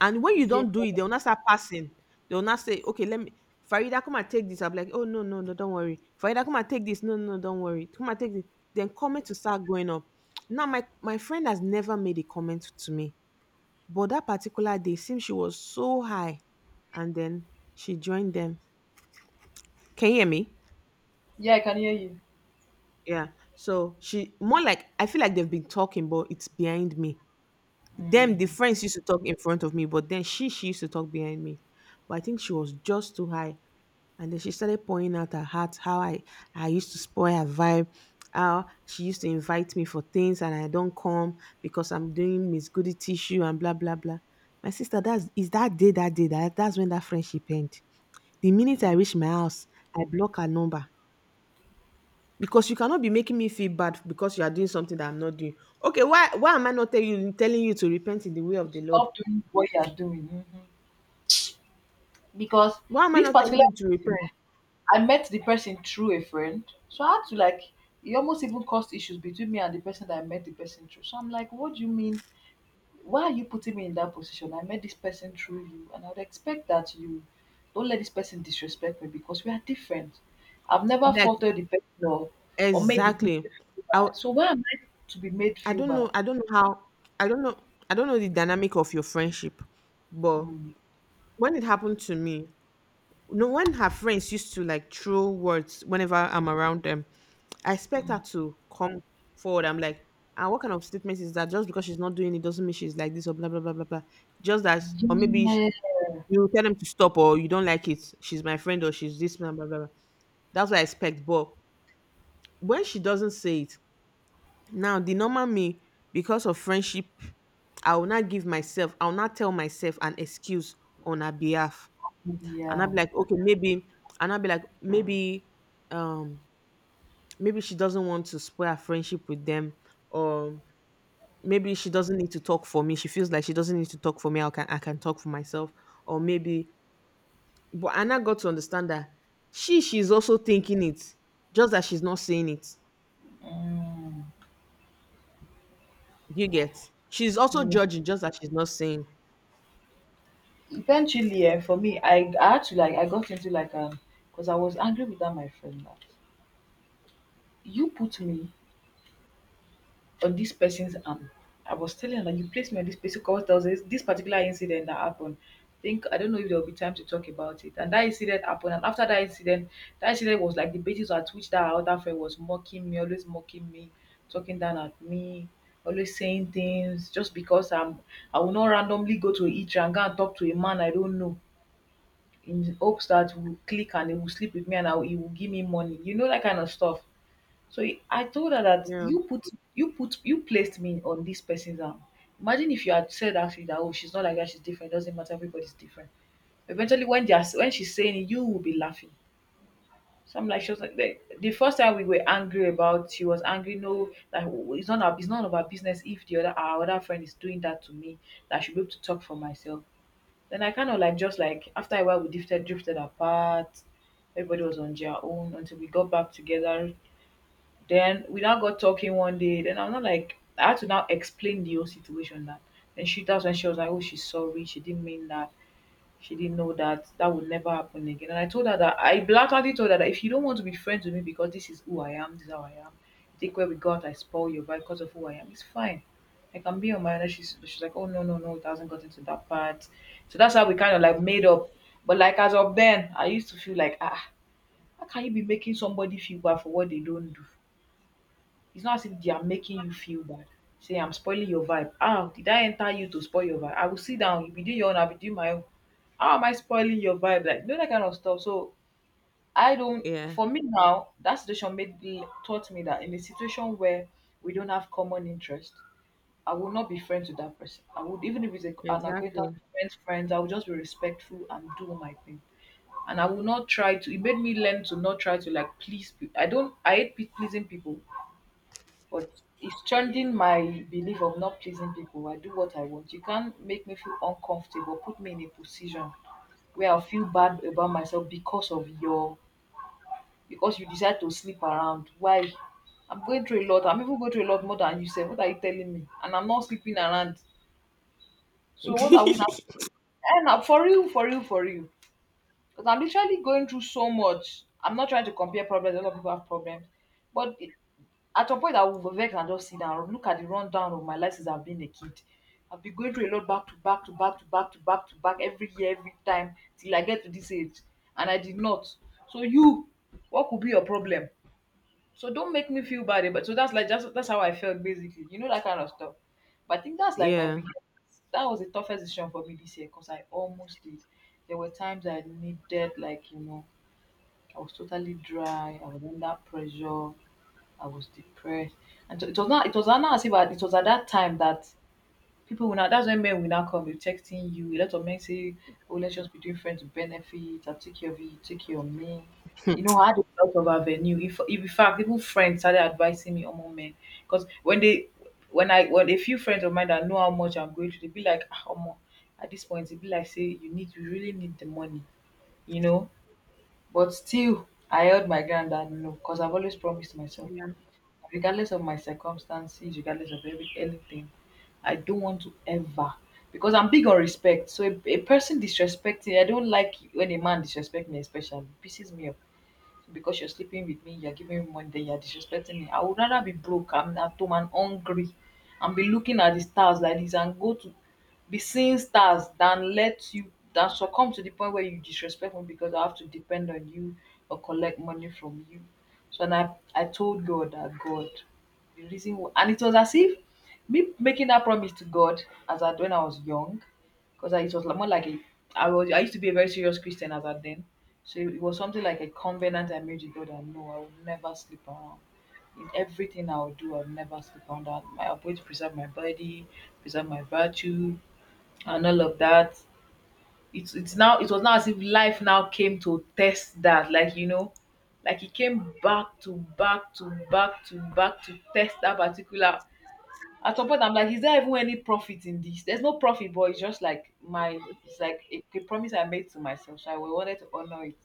Speaker 2: And when you
Speaker 1: Yeah,
Speaker 2: don't do it, they'll not start passing. They'll not say, okay, let me, Farida, come and take this. I'm like, oh, no, no, no, don't worry. Farida, come and take this. No, no, no, don't worry. Come and take this. Then comment to start going up. Now, my friend has never made a comment to me. But that particular day, seems she was so high. And then she joined them. Can you hear me?
Speaker 1: yeah, I can hear you.
Speaker 2: Yeah. So she more like I feel like they've been talking, but it's behind me. Them the
Speaker 1: Mhm.
Speaker 2: friends used to talk in front of me, but then she used to talk behind me. But I think she was just too high. And then she started pouring out her heart, how I used to spoil her vibe, how she used to invite me for things and I don't come because I'm doing Miss Goody tissue and blah, blah, blah. My sister, that's is that day, that day, that, that's when that friendship ended. The minute I
Speaker 1: So
Speaker 2: reach my house, I block her number. Because you cannot be making me feel bad because you are doing something that I'm not doing. Okay, why am I not telling you to repent in the way of the Lord?
Speaker 1: stop doing what you are doing. Mhm. Because
Speaker 2: Why am I
Speaker 1: this
Speaker 2: not telling
Speaker 1: particular
Speaker 2: you to
Speaker 1: person,
Speaker 2: repent?
Speaker 1: I met the person through a friend. So I had to like it almost even caused issues between me and the person that I met the person through. So I'm like, what do you mean? Why are you putting me in that position? I met this person through you and I would expect that you don't let this person disrespect me because we are different. I've never
Speaker 2: Like
Speaker 1: faulted the person or made the person.
Speaker 2: exactly. I
Speaker 1: So why am I to be made
Speaker 2: I
Speaker 1: feel
Speaker 2: don't
Speaker 1: bad?
Speaker 2: know. I don't know how. I don't know. I don't know the dynamic of your friendship, but
Speaker 1: Mm,
Speaker 2: when it happened to me, no, when her friends used to like throw words whenever I'm around them, I expect
Speaker 1: mm.
Speaker 2: her to come forward. I'm like, ah, what kind of statement is that? Just because she's not doing it doesn't mean she's like this or blah blah blah blah blah. Just that, or maybe
Speaker 1: Yeah.
Speaker 2: you tell them to stop or you don't like it. She's my friend or she's this blah blah blah. Blah. That's what I expect. But when she doesn't say it, now the normal me, because of friendship, I will not give myself, I will not tell myself an excuse on her behalf. And I'll
Speaker 1: Yeah.
Speaker 2: be like, okay, maybe, and I'll be like, maybe, um, maybe she doesn't want to spoil her friendship with them, or maybe she doesn't need to talk for me. She feels like she doesn't need to talk for me. I can talk for myself, or maybe. But and I got to understand that she's also thinking it, just that she's not saying it.
Speaker 1: Mm.
Speaker 2: You get. She's also
Speaker 1: Mm.
Speaker 2: judging, just that she's not saying.
Speaker 1: Eventually, for me, I had to like I got into like because I was angry with that my friend that you put me on this person's arm. I was telling her that you placed me on this person because there was this particular incident that happened. Think I don't know if there will be time to talk about it. And that incident happened, and after that incident was like the basis at which that our other friend was mocking me, always mocking me, talking down at me, always saying things just because I'm. I will not randomly go to a eatery and go and talk to a man I don't know in hopes that will click and he will sleep with me and he will give me money. You know that kind of stuff. So I told her that
Speaker 2: Yeah.
Speaker 1: you placed me on this person's arm. Imagine if you had said actually that oh she's not like that, she's different, doesn't matter, everybody's different. Eventually when they are when she's saying it, you will be laughing. So I'm like she was like the first time we were angry about she was angry, no, that oh, it's none of our business if the other our other friend is doing that to me, that I should be able to talk for myself. Then I kind of like just like after a while we drifted apart. Everybody was on their own until we got back together then we now got talking one day. Then I'm not like I had to now explain the whole situation that. And she that's when she was like, oh, she's sorry. She didn't mean that. She didn't know that that would never happen again. And I told her that I blatantly told her that if you don't want to be friends with me because this is who I am, this is how I am. Take where we got, I spoil you by because of who I am. It's fine. I can be on my own. And she's like, oh no no no, it hasn't gotten to that part. So that's how we kind of like made up. But like as of then, I used to feel like ah, how can you be making somebody feel bad for what they don't do? It's not as if they are making you feel bad. Say, I'm spoiling your vibe. Ah, did I enter you to spoil your vibe? I will sit down. You be doing your own. I'll be doing my own. How am I spoiling your vibe? Like, that kind of stuff. So, I don't,
Speaker 2: Yeah.
Speaker 1: for me now, that situation made me, taught me that in a situation where we don't have common interest, I will not be friends with that person. I would, even if it's an acquaintance,
Speaker 2: Exactly.
Speaker 1: friends, I will just be respectful and do my thing. And I will not try to, it made me learn to not try to, like, please people. I don't, I hate pleasing people, but it's changing my belief of not pleasing people. I do what I want. You can't make me feel uncomfortable, put me in a position where I'll feel bad about myself because you decide to sleep around. Why? I'm going through a lot. I'm even going through a lot more than you said. What are you telling me? And I'm not sleeping around. So what are we now? And now for real, for real, for real. Because I'm literally going through so much. I'm not trying to compare problems. A lot of people have problems. But it, At some point I would vex and just sit down, look at the rundown of my life since I've been a kid. I've been going through a lot back to back to back to back to back to back every year, every time till I get to this age, and I did not. So you, what could be your problem? So don't make me feel bad about, so that's like, just that's how I felt basically. You know, that kind of stuff. But I think that's like my
Speaker 2: yeah.
Speaker 1: biggest, that was the toughest decision for me this year because I almost did. There were times I needed, like, I was totally dry, I was under pressure, I was depressed. And so it was not as if I, it was at that time that people will not. That's when men will now come with texting you. A lot of men say, "Oh, let's just be doing friends with benefits, I'll take care of you, you take care of me." You know, I had a lot of avenue. If in fact even friends started advising me on more men, because when they, when a few friends of mine that know how much I'm going to, they be like, "Ah, omo, at this point, it be like say you really need the money, you know." But still, I held my ground and no, because I've always promised myself,
Speaker 2: Yeah.
Speaker 1: regardless of my circumstances, regardless of anything. I don't want to ever, because I'm big on respect. So a person disrespecting, I don't like when a man disrespect me, especially pisses me off, because you're sleeping with me, you're giving me money, then you're disrespecting me. I would rather be broke, I'm at home and hungry, and be looking at the stars like this and go to be seeing stars, than let you than succumb to the point where you disrespect me because I have to depend on you or collect money from you. So, and I told God that, God, the reason why, and it was as if me making that promise to God as at when I was young, because it was like, more like a, I used to be a very serious Christian as at then, so it was something like a covenant I made with God that no, I will never sleep around. In everything I will do, I'll never sleep around. That I'm going to preserve my body, preserve my virtue, and all of that. It was now as if life now came to test that, like it came back to back to back to back to test that particular. At some point, I'm like, is there even any profit in this? There's no profit, but it's like a promise I made to myself, so I wanted to honor it.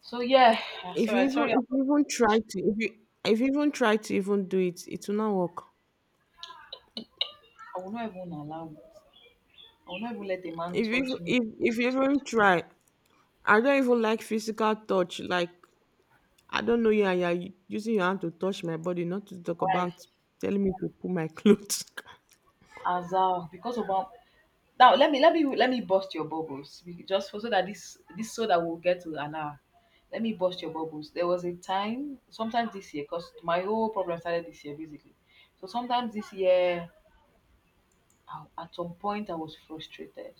Speaker 1: So yeah, sorry, sorry. I
Speaker 2: If you even try to if you If you even try to even do it, it will not work.
Speaker 1: will not even allow it. I will not even let a man
Speaker 2: If you
Speaker 1: touch me.
Speaker 2: if you even try, I don't even like physical touch. Like I don't know yeah, yeah, you and you're using your hand to touch my body, not to talk
Speaker 1: Why?
Speaker 2: about telling me to pull my clothes.
Speaker 1: As because of now let me bust your bubbles. Just, for so that this so that we'll get to an hour. Let me bust your bubbles. There was a time, sometimes this year, because my whole problem started this year basically. So sometimes this year, at some point, I was frustrated.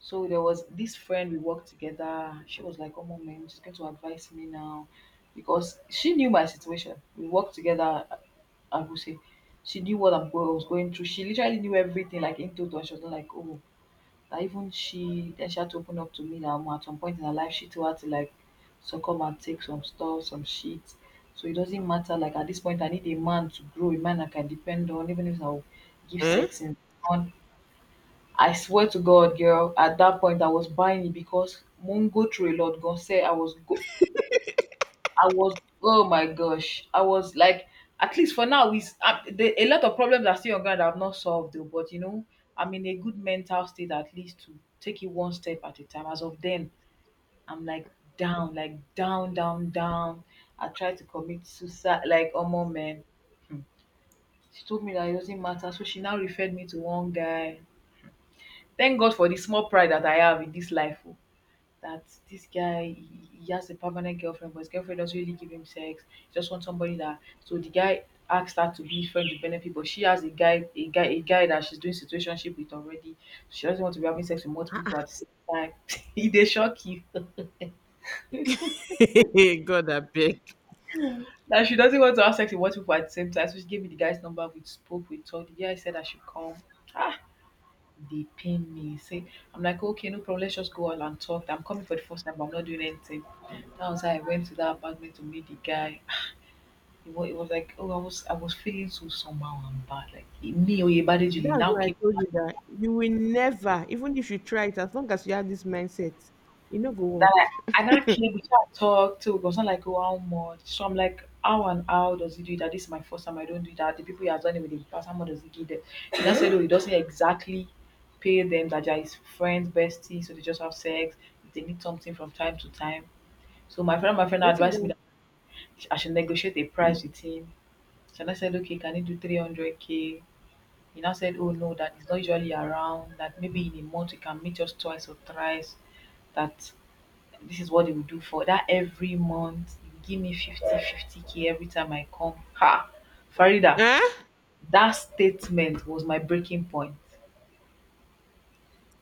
Speaker 1: So there was this friend we worked together. She was like, "Oh, mom, man, she's going to advise me now," because she knew my situation. We worked together. I would say, she knew what I was going through. She literally knew everything, like, in total. She was not like, "Oh, that even she." Then she had to open up to me that at some point in her life, she too had to, like, succumb and take some stuff, some shit. So it doesn't matter. Like, at this point, I need a man to grow, a man I can depend on, even if I'll give
Speaker 2: Eh?
Speaker 1: sex in, I swear to God, girl, at that point I was buying it because Moon Mungo through a lot. Gonna say I was, oh my gosh, I was like, at least for now, a lot of problems are still on ground that I've not solved though. But you know, I'm in a good mental state, at least, to take it one step at a time. As of then, I'm like down, down, down. I tried to commit suicide, like, oh my man. Hmm. She told me that it doesn't matter, so she now referred me to one guy. Thank God for the small pride that I have in this life. Oh. That this guy, he has a permanent girlfriend, but his girlfriend doesn't really give him sex. He just wants somebody that, so the guy asked her to be friends with benefit, but she has a guy that she's doing situationship with already. She doesn't want to be having sex with multiple people at the same time. They shock you.
Speaker 2: God, I beg.
Speaker 1: That she doesn't want to have sex with multiple people at the same time. So she gave me the guy's number, we spoke, we talked. The guy said I should come. Ah, they pin me. Say, I'm like, okay, no problem, let's just go out and talk. I'm coming for the first time, but I'm not doing anything. That was how I went to that apartment to meet the guy. It was like, oh, I was feeling so somehow and bad. Like, me, Oyebade Julie,
Speaker 2: That's
Speaker 1: now
Speaker 2: why I
Speaker 1: came
Speaker 2: told you that you will never, even if you try it, as long as you have this mindset, you no go
Speaker 1: that,
Speaker 2: work.
Speaker 1: I now came we can't talk to, because I'm like, oh, how much? So I'm like, how, and how does he do that? This is my first time. I don't do that. The people he has done it with in the past, how much does he give them? He now said, oh, he doesn't exactly pay them. That they are his friends, besties, so they just have sex. They need something from time to time. So my friend
Speaker 2: Waiting
Speaker 1: advised me
Speaker 2: go.
Speaker 1: that I should negotiate a price with him. So I said, okay, can you do 300k? He now said, "Oh no, that he's not usually around, that maybe in a month you can meet just twice or thrice, that this is what they will do for that every month. You give me fifty k every time I come." Ha! Farida,
Speaker 2: Eh?
Speaker 1: that statement was my breaking point.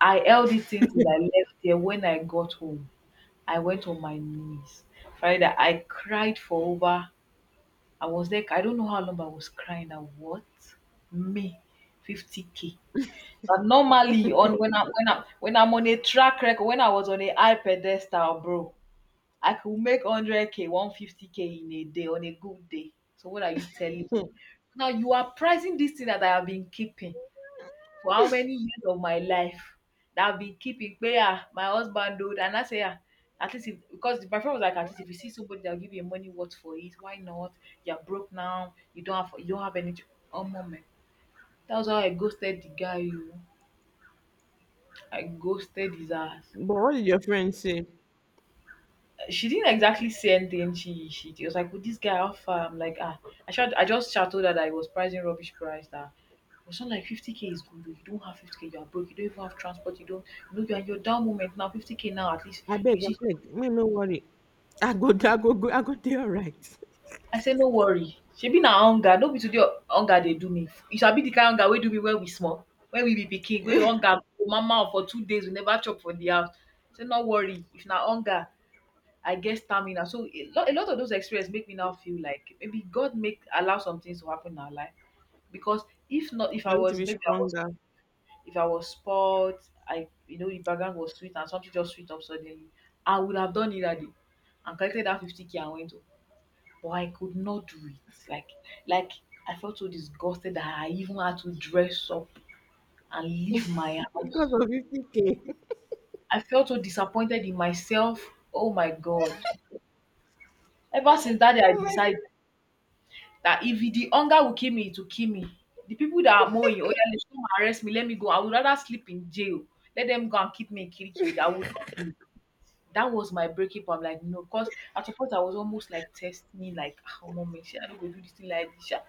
Speaker 1: I held it in till I left there. When I got home, I went on my knees. Farida, I cried for over. I was like, I don't know how long I was crying. Now, what? Me, 50k. But normally, on when I'm on a track record, when I was on a high pedestal, bro, I could make 100k, 150k in a day on a good day. So what are you telling
Speaker 2: Hmm.
Speaker 1: me? Now you are pricing this thing that I have been keeping for how many years of my life that I've been keeping. But yeah, my husband do, and I say, yeah, at least if, because my friend was like, at least if you see somebody that'll give you money worth for it, why not? You're broke now, you don't have any. Oh moment, that was how I ghosted the guy. You. I ghosted his ass.
Speaker 2: But what did your friend say?
Speaker 1: She didn't exactly say anything. She was like, "With this guy, how far?" I'm like, "Ah, I just shouted her that it was pricing rubbish price that." It was not like 50k is good. Oh, you don't have 50k, you are broke. You don't even have transport. You don't, you're in your down moment now. 50k now, at least
Speaker 2: I beg,
Speaker 1: you
Speaker 2: I
Speaker 1: see.
Speaker 2: beg. Me no worry. I go, I go dey alright.
Speaker 1: I said, no worry. She be na hunger. No be today hunger they do me. You shall be the kind hunger we do me when we small. When we be picking, we
Speaker 2: For
Speaker 1: hunger. Go Mama for 2 days, we never chop for the house. Say, no worry. If na hunger, I get stamina. So a lot of those experiences make me now feel like maybe God make allow some things to happen in our life. Because if not, if I
Speaker 2: you to
Speaker 1: was
Speaker 2: be
Speaker 1: maybe I was
Speaker 2: stronger
Speaker 1: if I was spoiled, I the background was sweet and something just sweet up suddenly, I would have done it that day and collected that 50 k and went home. But I could not do it. Like I felt so disgusted that I even had to dress up and leave my
Speaker 2: because
Speaker 1: house.
Speaker 2: of 50k.
Speaker 1: I felt so disappointed in myself. Oh my God. Ever since that day, I
Speaker 2: Oh my
Speaker 1: decided that if the hunger will kill me, it will kill me. The people that are mowing, "Oya, let's come arrest me, let me go. I would rather sleep in jail. Let them go and keep me in Kirikiri. I would not do it." That was my breaking point. I'm like, no, because at first I was almost like testing, like, oh, mom, make sure I don't go do this thing like this. Sha."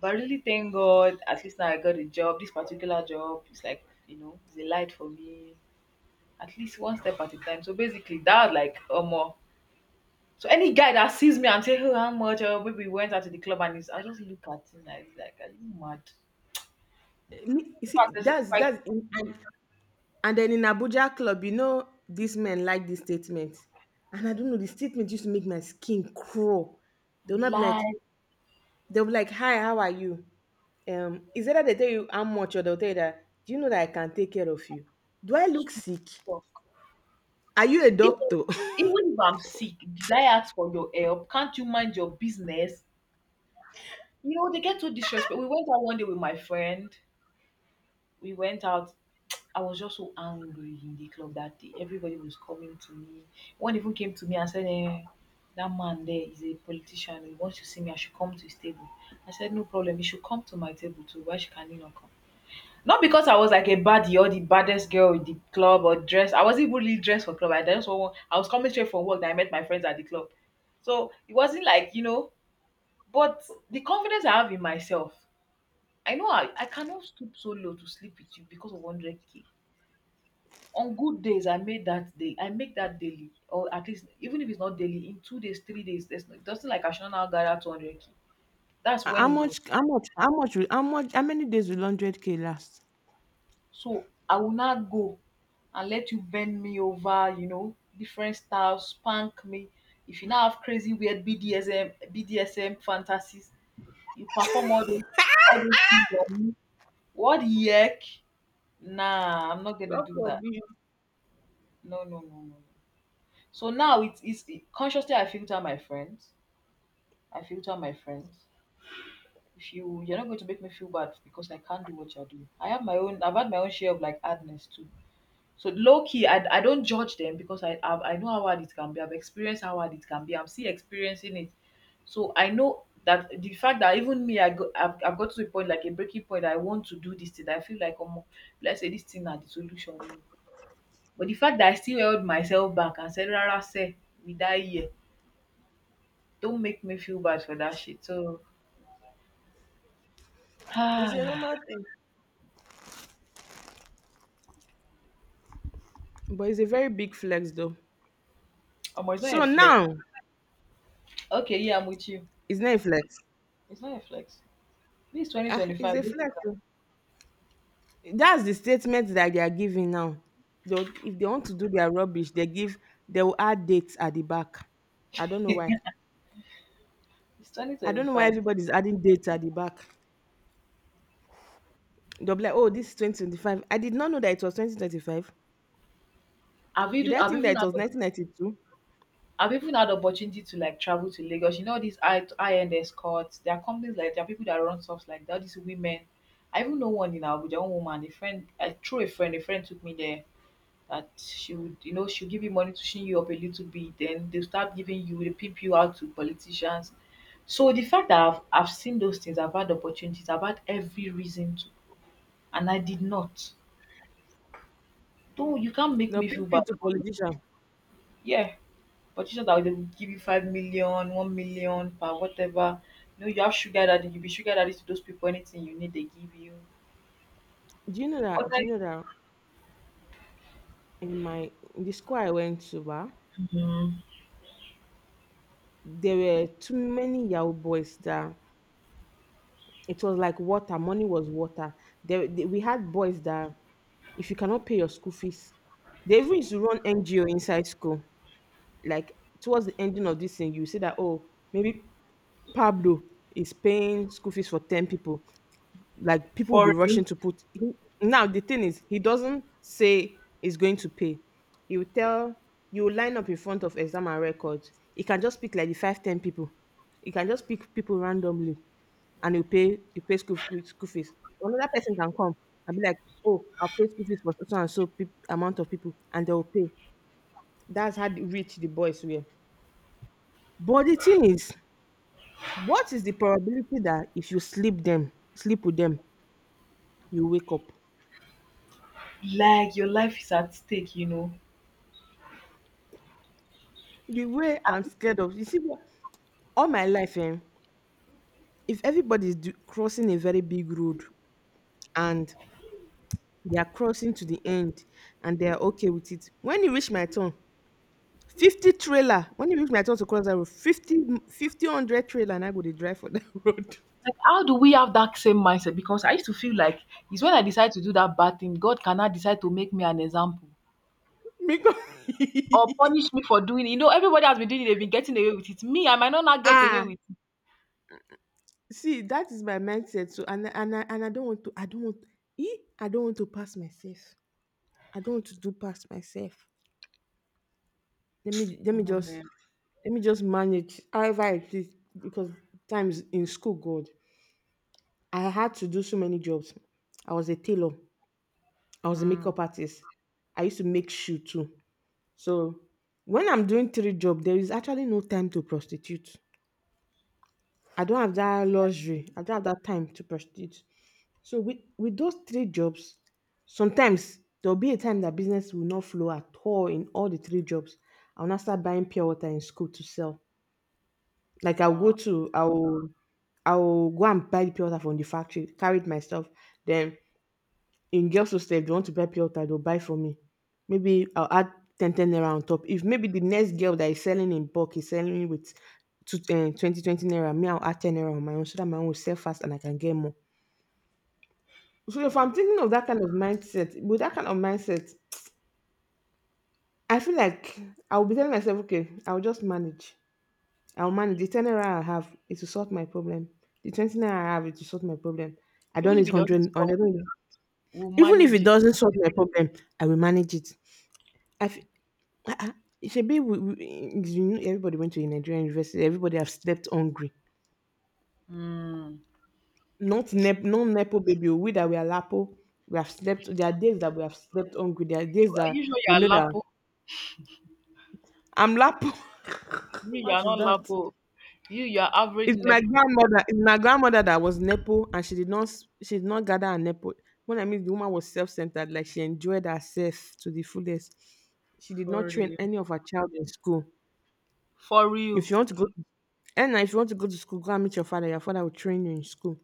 Speaker 1: But I really, thank God, at least now I got a job. This particular job is like, it's a light for me, at least one step at a time. So basically, that was like, oh, more. So any guy that sees me and say, "Oh, how much? Oh, baby, we went out to the club," and he's, I just look at him like, are you mad?
Speaker 2: god. Me- You
Speaker 1: In fact,
Speaker 2: see,
Speaker 1: there's like
Speaker 2: that's in, and then in Abuja club, you know, these men like this statement. And I don't know, the statement used to make my skin crawl. They'll not be like,
Speaker 1: lie,
Speaker 2: they'll be like, hi, how are you? Is that they tell you how much or they'll tell you that, do you know that I can take care of you? Do I look
Speaker 1: stupid
Speaker 2: sick?
Speaker 1: talk.
Speaker 2: Are you a
Speaker 1: Even,
Speaker 2: doctor?
Speaker 1: even if I'm sick, did I ask for your help? Can't you mind your business? They get so disrespectful. We went out one day with my friend. We went out I was just so angry in the club that day. Everybody was coming to me. One even came to me and said, eh, that man there is a politician. He wants to see me. I should come to his table. I said, no problem. He should come to my table too. Why should can he not come? Not because I was like a baddie or the baddest girl in the club or dress. I wasn't really dressed for club. I was coming straight from work that I met my friends at the club. So it wasn't like, but the confidence I have in myself, I know I cannot stoop so low to sleep with you because of 100k. On good days, I made that day. I make that daily, or at least even if it's not daily, in 2 days, 3 days. There's no, it doesn't like I should not gather 200k. That's
Speaker 2: Ho how
Speaker 1: when it was.
Speaker 2: much how much how much will how much How many days will 100k last?
Speaker 1: So I will not go and let you bend me over. Different styles, spank me. If you now have crazy weird BDSM fantasies, you perform all those things on me. What the heck? Nah, I'm not gonna
Speaker 2: God
Speaker 1: do that.
Speaker 2: forbid.
Speaker 1: No, no, no, no, no. So now consciously I filter my friends. I filter my friends. If you're not going to make me feel bad because I can't do what you're doing. I have my own I've had my own share of like hardness too. So low key, I don't judge them because I know how hard it can be. I've experienced how hard it can be. I'm still experiencing it. So I know that the fact that even me, I've got to a point like a breaking point. I want to do this thing. I feel like, oh, let's say this thing are the solution, oh. But the fact that I still held myself back and said, "Rara, say, we die here," don't make me feel bad for that shit. So,
Speaker 2: It's a normal thing. But it's a very big flex though.
Speaker 1: Omo, it's not a
Speaker 2: So
Speaker 1: flex.
Speaker 2: now
Speaker 1: Okay, yeah, I'm with you.
Speaker 2: it's not a flex.
Speaker 1: It's not a flex. This
Speaker 2: Ah, it's
Speaker 1: 2025.
Speaker 2: a
Speaker 1: This
Speaker 2: flex. Oh. That's the statement that they are giving now. They'll, if they want to do their rubbish, they will add dates at the back. I don't know why.
Speaker 1: it's
Speaker 2: I don't know why
Speaker 1: 2025.
Speaker 2: everybody's adding dates at the back. They'll be like, oh, this is 2025. I did not know that it was 2025.
Speaker 1: I've
Speaker 2: Did
Speaker 1: even
Speaker 2: I
Speaker 1: I've
Speaker 2: think
Speaker 1: even
Speaker 2: that it
Speaker 1: had
Speaker 2: was
Speaker 1: the-
Speaker 2: 1992?
Speaker 1: I've even had opportunity to like travel to Lagos. You know these high end escorts. There are companies there are people that run stuff like that. These women. I even know one in Abuja, one woman. A friend, I through a friend. A friend took me there. That she would, you know, she'll give you money to chin you up a little bit. Then they pimp you out to politicians. So the fact that I've seen those things, I've had opportunities, I've had every reason, and I did not. Don't You can't make
Speaker 2: They'll
Speaker 1: me
Speaker 2: pimp
Speaker 1: feel
Speaker 2: you
Speaker 1: bad
Speaker 2: to
Speaker 1: for you.
Speaker 2: politician.
Speaker 1: Yeah, but you said that they will give you 5 million, 1 million per whatever. You know, you have sugar daddy. You be sugar daddy to those people. Anything you need, they give you.
Speaker 2: Do you know
Speaker 1: But
Speaker 2: that? Do you
Speaker 1: like
Speaker 2: know that in the school I went to, bah,
Speaker 1: mm,
Speaker 2: there were too many Yahoo boys that it was like water. Money was water. We had boys that if you cannot pay your school fees, they even used to run NGO inside school. Like towards the ending of this thing, you see that oh maybe Pablo is paying school fees for 10 people. Like people will be
Speaker 1: for
Speaker 2: rushing
Speaker 1: you,
Speaker 2: to put, now the thing is he doesn't say he's going to pay. He will tell you will line up in front of exam and records. He can just pick like the 5, 10 people. He can just pick people randomly and he'll pay you pay school fees. Another person can come and be like, oh, I'll pay school fees for so and so peop amount of people and they'll pay. That's how rich the boys were. But the thing is, what is the probability that if you sleep with them, you wake up?
Speaker 1: like your life is at stake. You know.
Speaker 2: The way I'm scared of, you see, what- all my life, eh, if everybody is do, crossing a very big road and they are crossing to the end and they are okay with it, when you reach my turn, 50 trailer, when you reach my turn to cross that road, 50 100 trailer, and I go to drive for that road.
Speaker 1: Like how do we have that same mindset? Because I used to feel like it's when I decide to do that bad thing, God cannot decide to make me an example
Speaker 2: Because,
Speaker 1: or punish me for doing it. You know, everybody has been doing it. They've been getting away with it. Me, I might not get away
Speaker 2: ah,
Speaker 1: with it.
Speaker 2: see, that is my mindset. So, and I don't want to, I don't want, eh, I don't want to pass myself. I don't want to do pass myself. Let me
Speaker 1: Come on,
Speaker 2: just
Speaker 1: man.
Speaker 2: manage however it is because times in school god, I had to do so many jobs. I was a tailor, I was a
Speaker 1: Mm,
Speaker 2: makeup artist, I used to make shoe too. So when I'm doing three jobs, there is actually no time to prostitute. I don't have that luxury, I don't have that time to prostitute. So with those three jobs, sometimes there'll be a time that business will not flow at all in all the three jobs. I'll now start buying pure water in school to sell. Like
Speaker 1: wow.
Speaker 2: I'll go and buy the pure water from the factory, carry it myself. Then in girls hostel, if they want to buy pure water, they'll buy for me. Maybe I'll add 10 naira on top. If maybe the next girl that is selling in bulk is selling with 20 twenty naira, me I'll add 10 naira on my own so that my own will sell fast and I can get more. So if I'm
Speaker 1: Mm.
Speaker 2: thinking of that kind of mindset, I feel like I'll be telling myself, okay, I'll just manage. I'll manage the ten naira I have, it will solve my problem. The 20 naira I have, it will solve my problem. I don't
Speaker 1: Even if
Speaker 2: need
Speaker 1: it doesn't
Speaker 2: hundred,
Speaker 1: stop,
Speaker 2: hundred.
Speaker 1: we'll
Speaker 2: Even if
Speaker 1: manage
Speaker 2: it
Speaker 1: it.
Speaker 2: doesn't solve my problem, I will manage it. I f- Shebi you know, everybody went to a Nigerian university. Everybody have slept hungry.
Speaker 1: Mm. S-
Speaker 2: Not nepo baby. We that we are lapo. We have slept. There are days that we have slept hungry. There are
Speaker 1: you
Speaker 2: days
Speaker 1: are
Speaker 2: that
Speaker 1: you sure you
Speaker 2: we
Speaker 1: are
Speaker 2: know that
Speaker 1: Lapo?
Speaker 2: I'm lapo.
Speaker 1: You
Speaker 2: What
Speaker 1: are
Speaker 2: is
Speaker 1: not
Speaker 2: that?
Speaker 1: Lapo. You are average Nepo.
Speaker 2: If my grandmother that was nepo and she did not gather her nepo. When I mean the woman was self-centered, like she enjoyed herself to the fullest. She did not
Speaker 1: For
Speaker 2: train
Speaker 1: real.
Speaker 2: any of her child in school.
Speaker 1: For
Speaker 2: If
Speaker 1: real.
Speaker 2: you want to go, and if you want to go to school, go and meet your father. Your father will train you in school.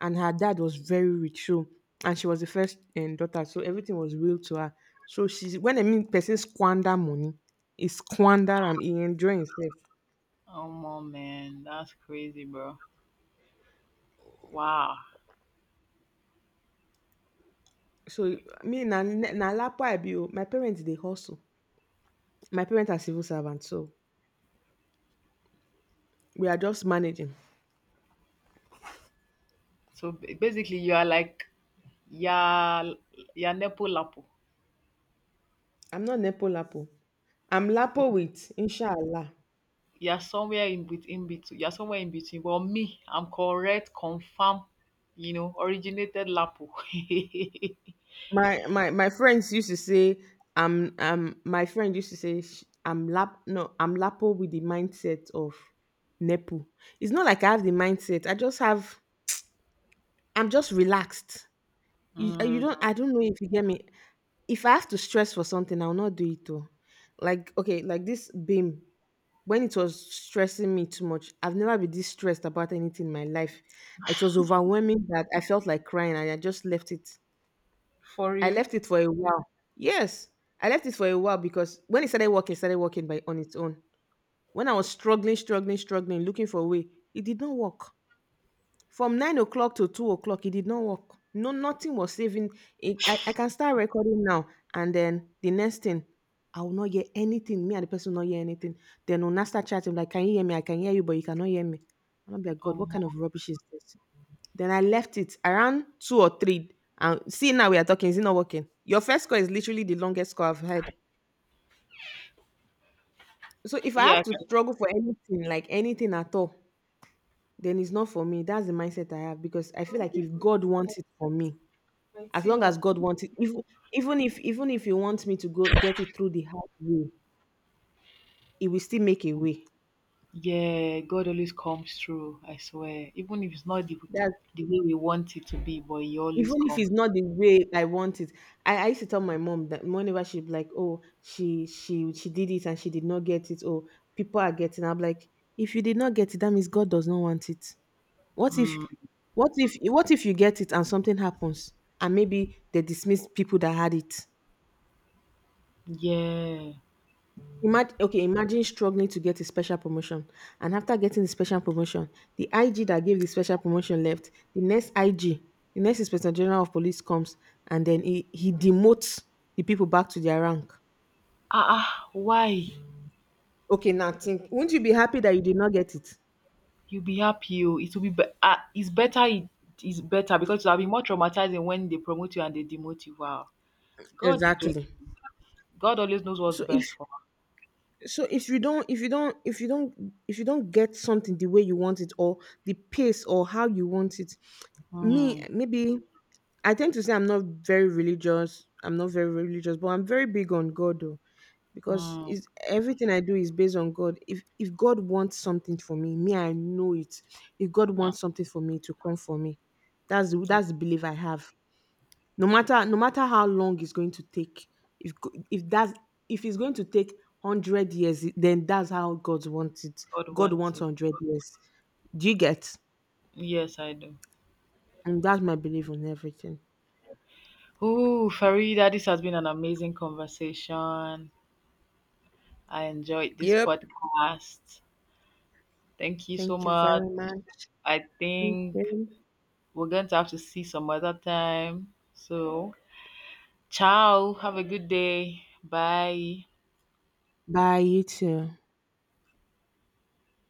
Speaker 2: And her dad was very rich, so and she was the first daughter, so everything was real to her. So she's when I mean person squander money, he squander and he enjoy himself.
Speaker 1: Oh man, man, that's crazy, bro. Wow.
Speaker 2: So me na na lapa I be o. My parents they hustle. My parents are civil servants, so we are just managing.
Speaker 1: So basically you are like yeah you're Nepo Lapo.
Speaker 2: I'm not Nepo Lapo. I'm Lapo with Inshallah.
Speaker 1: You're somewhere in between you're somewhere in between. Well me, I'm correct, confirm, you know, originated Lapo.
Speaker 2: My friends used to say I'm my friend used to say sh- I'm lap no I'm Lapo with the mindset of Nepo. It's not like I have the mindset. I'm just relaxed. You you don't
Speaker 1: Mm.
Speaker 2: I don't know if you get me. If I have to stress for something, I'll not do it though. Like okay, like this beam when it was stressing me too much. I've never been this stressed about anything in my life. It was overwhelming that I felt like crying and I just left it.
Speaker 1: For
Speaker 2: I
Speaker 1: you.
Speaker 2: left it for a while. Yes, I left it for a while because when it started working by on its own. When I was struggling, looking for a way, it did not work. From 9 o'clock to 2 o'clock, it did not work. No, nothing was saving. I can start recording now. And then the next thing, I will not hear anything. Me and the person will not hear anything. Then we'll now start chatting, like, can you hear me? I can hear you, but you cannot hear me. And I'm like, God,
Speaker 1: Um,
Speaker 2: what kind of rubbish is this? Then I left it around two or three. And see, now we are talking. Is it not working? Your first score is literally the longest score I've had. So if I have
Speaker 1: yeah,
Speaker 2: to struggle for anything, like anything at all, then it's not for me. That's the mindset I have because I feel like if God wants it for me,
Speaker 1: my
Speaker 2: as long as
Speaker 1: teamwork.
Speaker 2: God wants it, even if He wants me to go get it through the hard way, He will still make a way.
Speaker 1: Yeah, God always comes through, I swear. Even if it's not
Speaker 2: That
Speaker 1: the way we want it to be, but He
Speaker 2: even
Speaker 1: always
Speaker 2: if
Speaker 1: comes.
Speaker 2: it's not the way I want it, I used to tell my mom that whenever she be like, oh, she did it and she did not get it. Oh, people are getting. I'm like, if you did not get it, that means God does not want it. What if
Speaker 1: Mm,
Speaker 2: what if you get it and something happens and maybe they dismiss people that had it?
Speaker 1: yeah.
Speaker 2: Okay, imagine struggling to get a special promotion. And after getting the special promotion, the IG that gave the special promotion left. The next IG, the next Inspector General of Police comes and then he demotes the people back to their rank.
Speaker 1: Ah, ah, why?
Speaker 2: Okay, now think, wouldn't you be happy that you did not get it?
Speaker 1: You'll be happy. Oh. It will be- ah, it's better. It is better because it'll be more traumatizing when they promote you and they demote you. Wow. God is great.
Speaker 2: Exactly.
Speaker 1: God always knows what's
Speaker 2: So if
Speaker 1: best for us.
Speaker 2: so if you don't if you don't if you don't if you don't get something the way you want it, or the pace or how you want it. me
Speaker 1: Mm,
Speaker 2: maybe I tend to say I'm not very religious, I'm not very religious, but I'm very big on God though, because
Speaker 1: mm,
Speaker 2: is everything I do is based on God. If God wants something for me, I know it. If God
Speaker 1: mm.
Speaker 2: wants something for me to come for me, that's the
Speaker 1: Yeah,
Speaker 2: that's the belief I have. No matter how long it's going to take, if go- if that's if it's going to take 100 years, then that's how God wants it.
Speaker 1: God
Speaker 2: God
Speaker 1: wants
Speaker 2: wants
Speaker 1: it.
Speaker 2: 100 years, do you get?
Speaker 1: Yes, I do.
Speaker 2: And that's my belief on everything.
Speaker 1: Ooh, Farida, this has been an amazing conversation. I enjoyed this
Speaker 2: Yep.
Speaker 1: podcast. Thank you so
Speaker 2: Thank you
Speaker 1: much.
Speaker 2: very much.
Speaker 1: I
Speaker 2: Thank
Speaker 1: think
Speaker 2: you.
Speaker 1: we're going to have to see some other time. So, ciao. Have a good day. Bye.
Speaker 2: Bye, you too.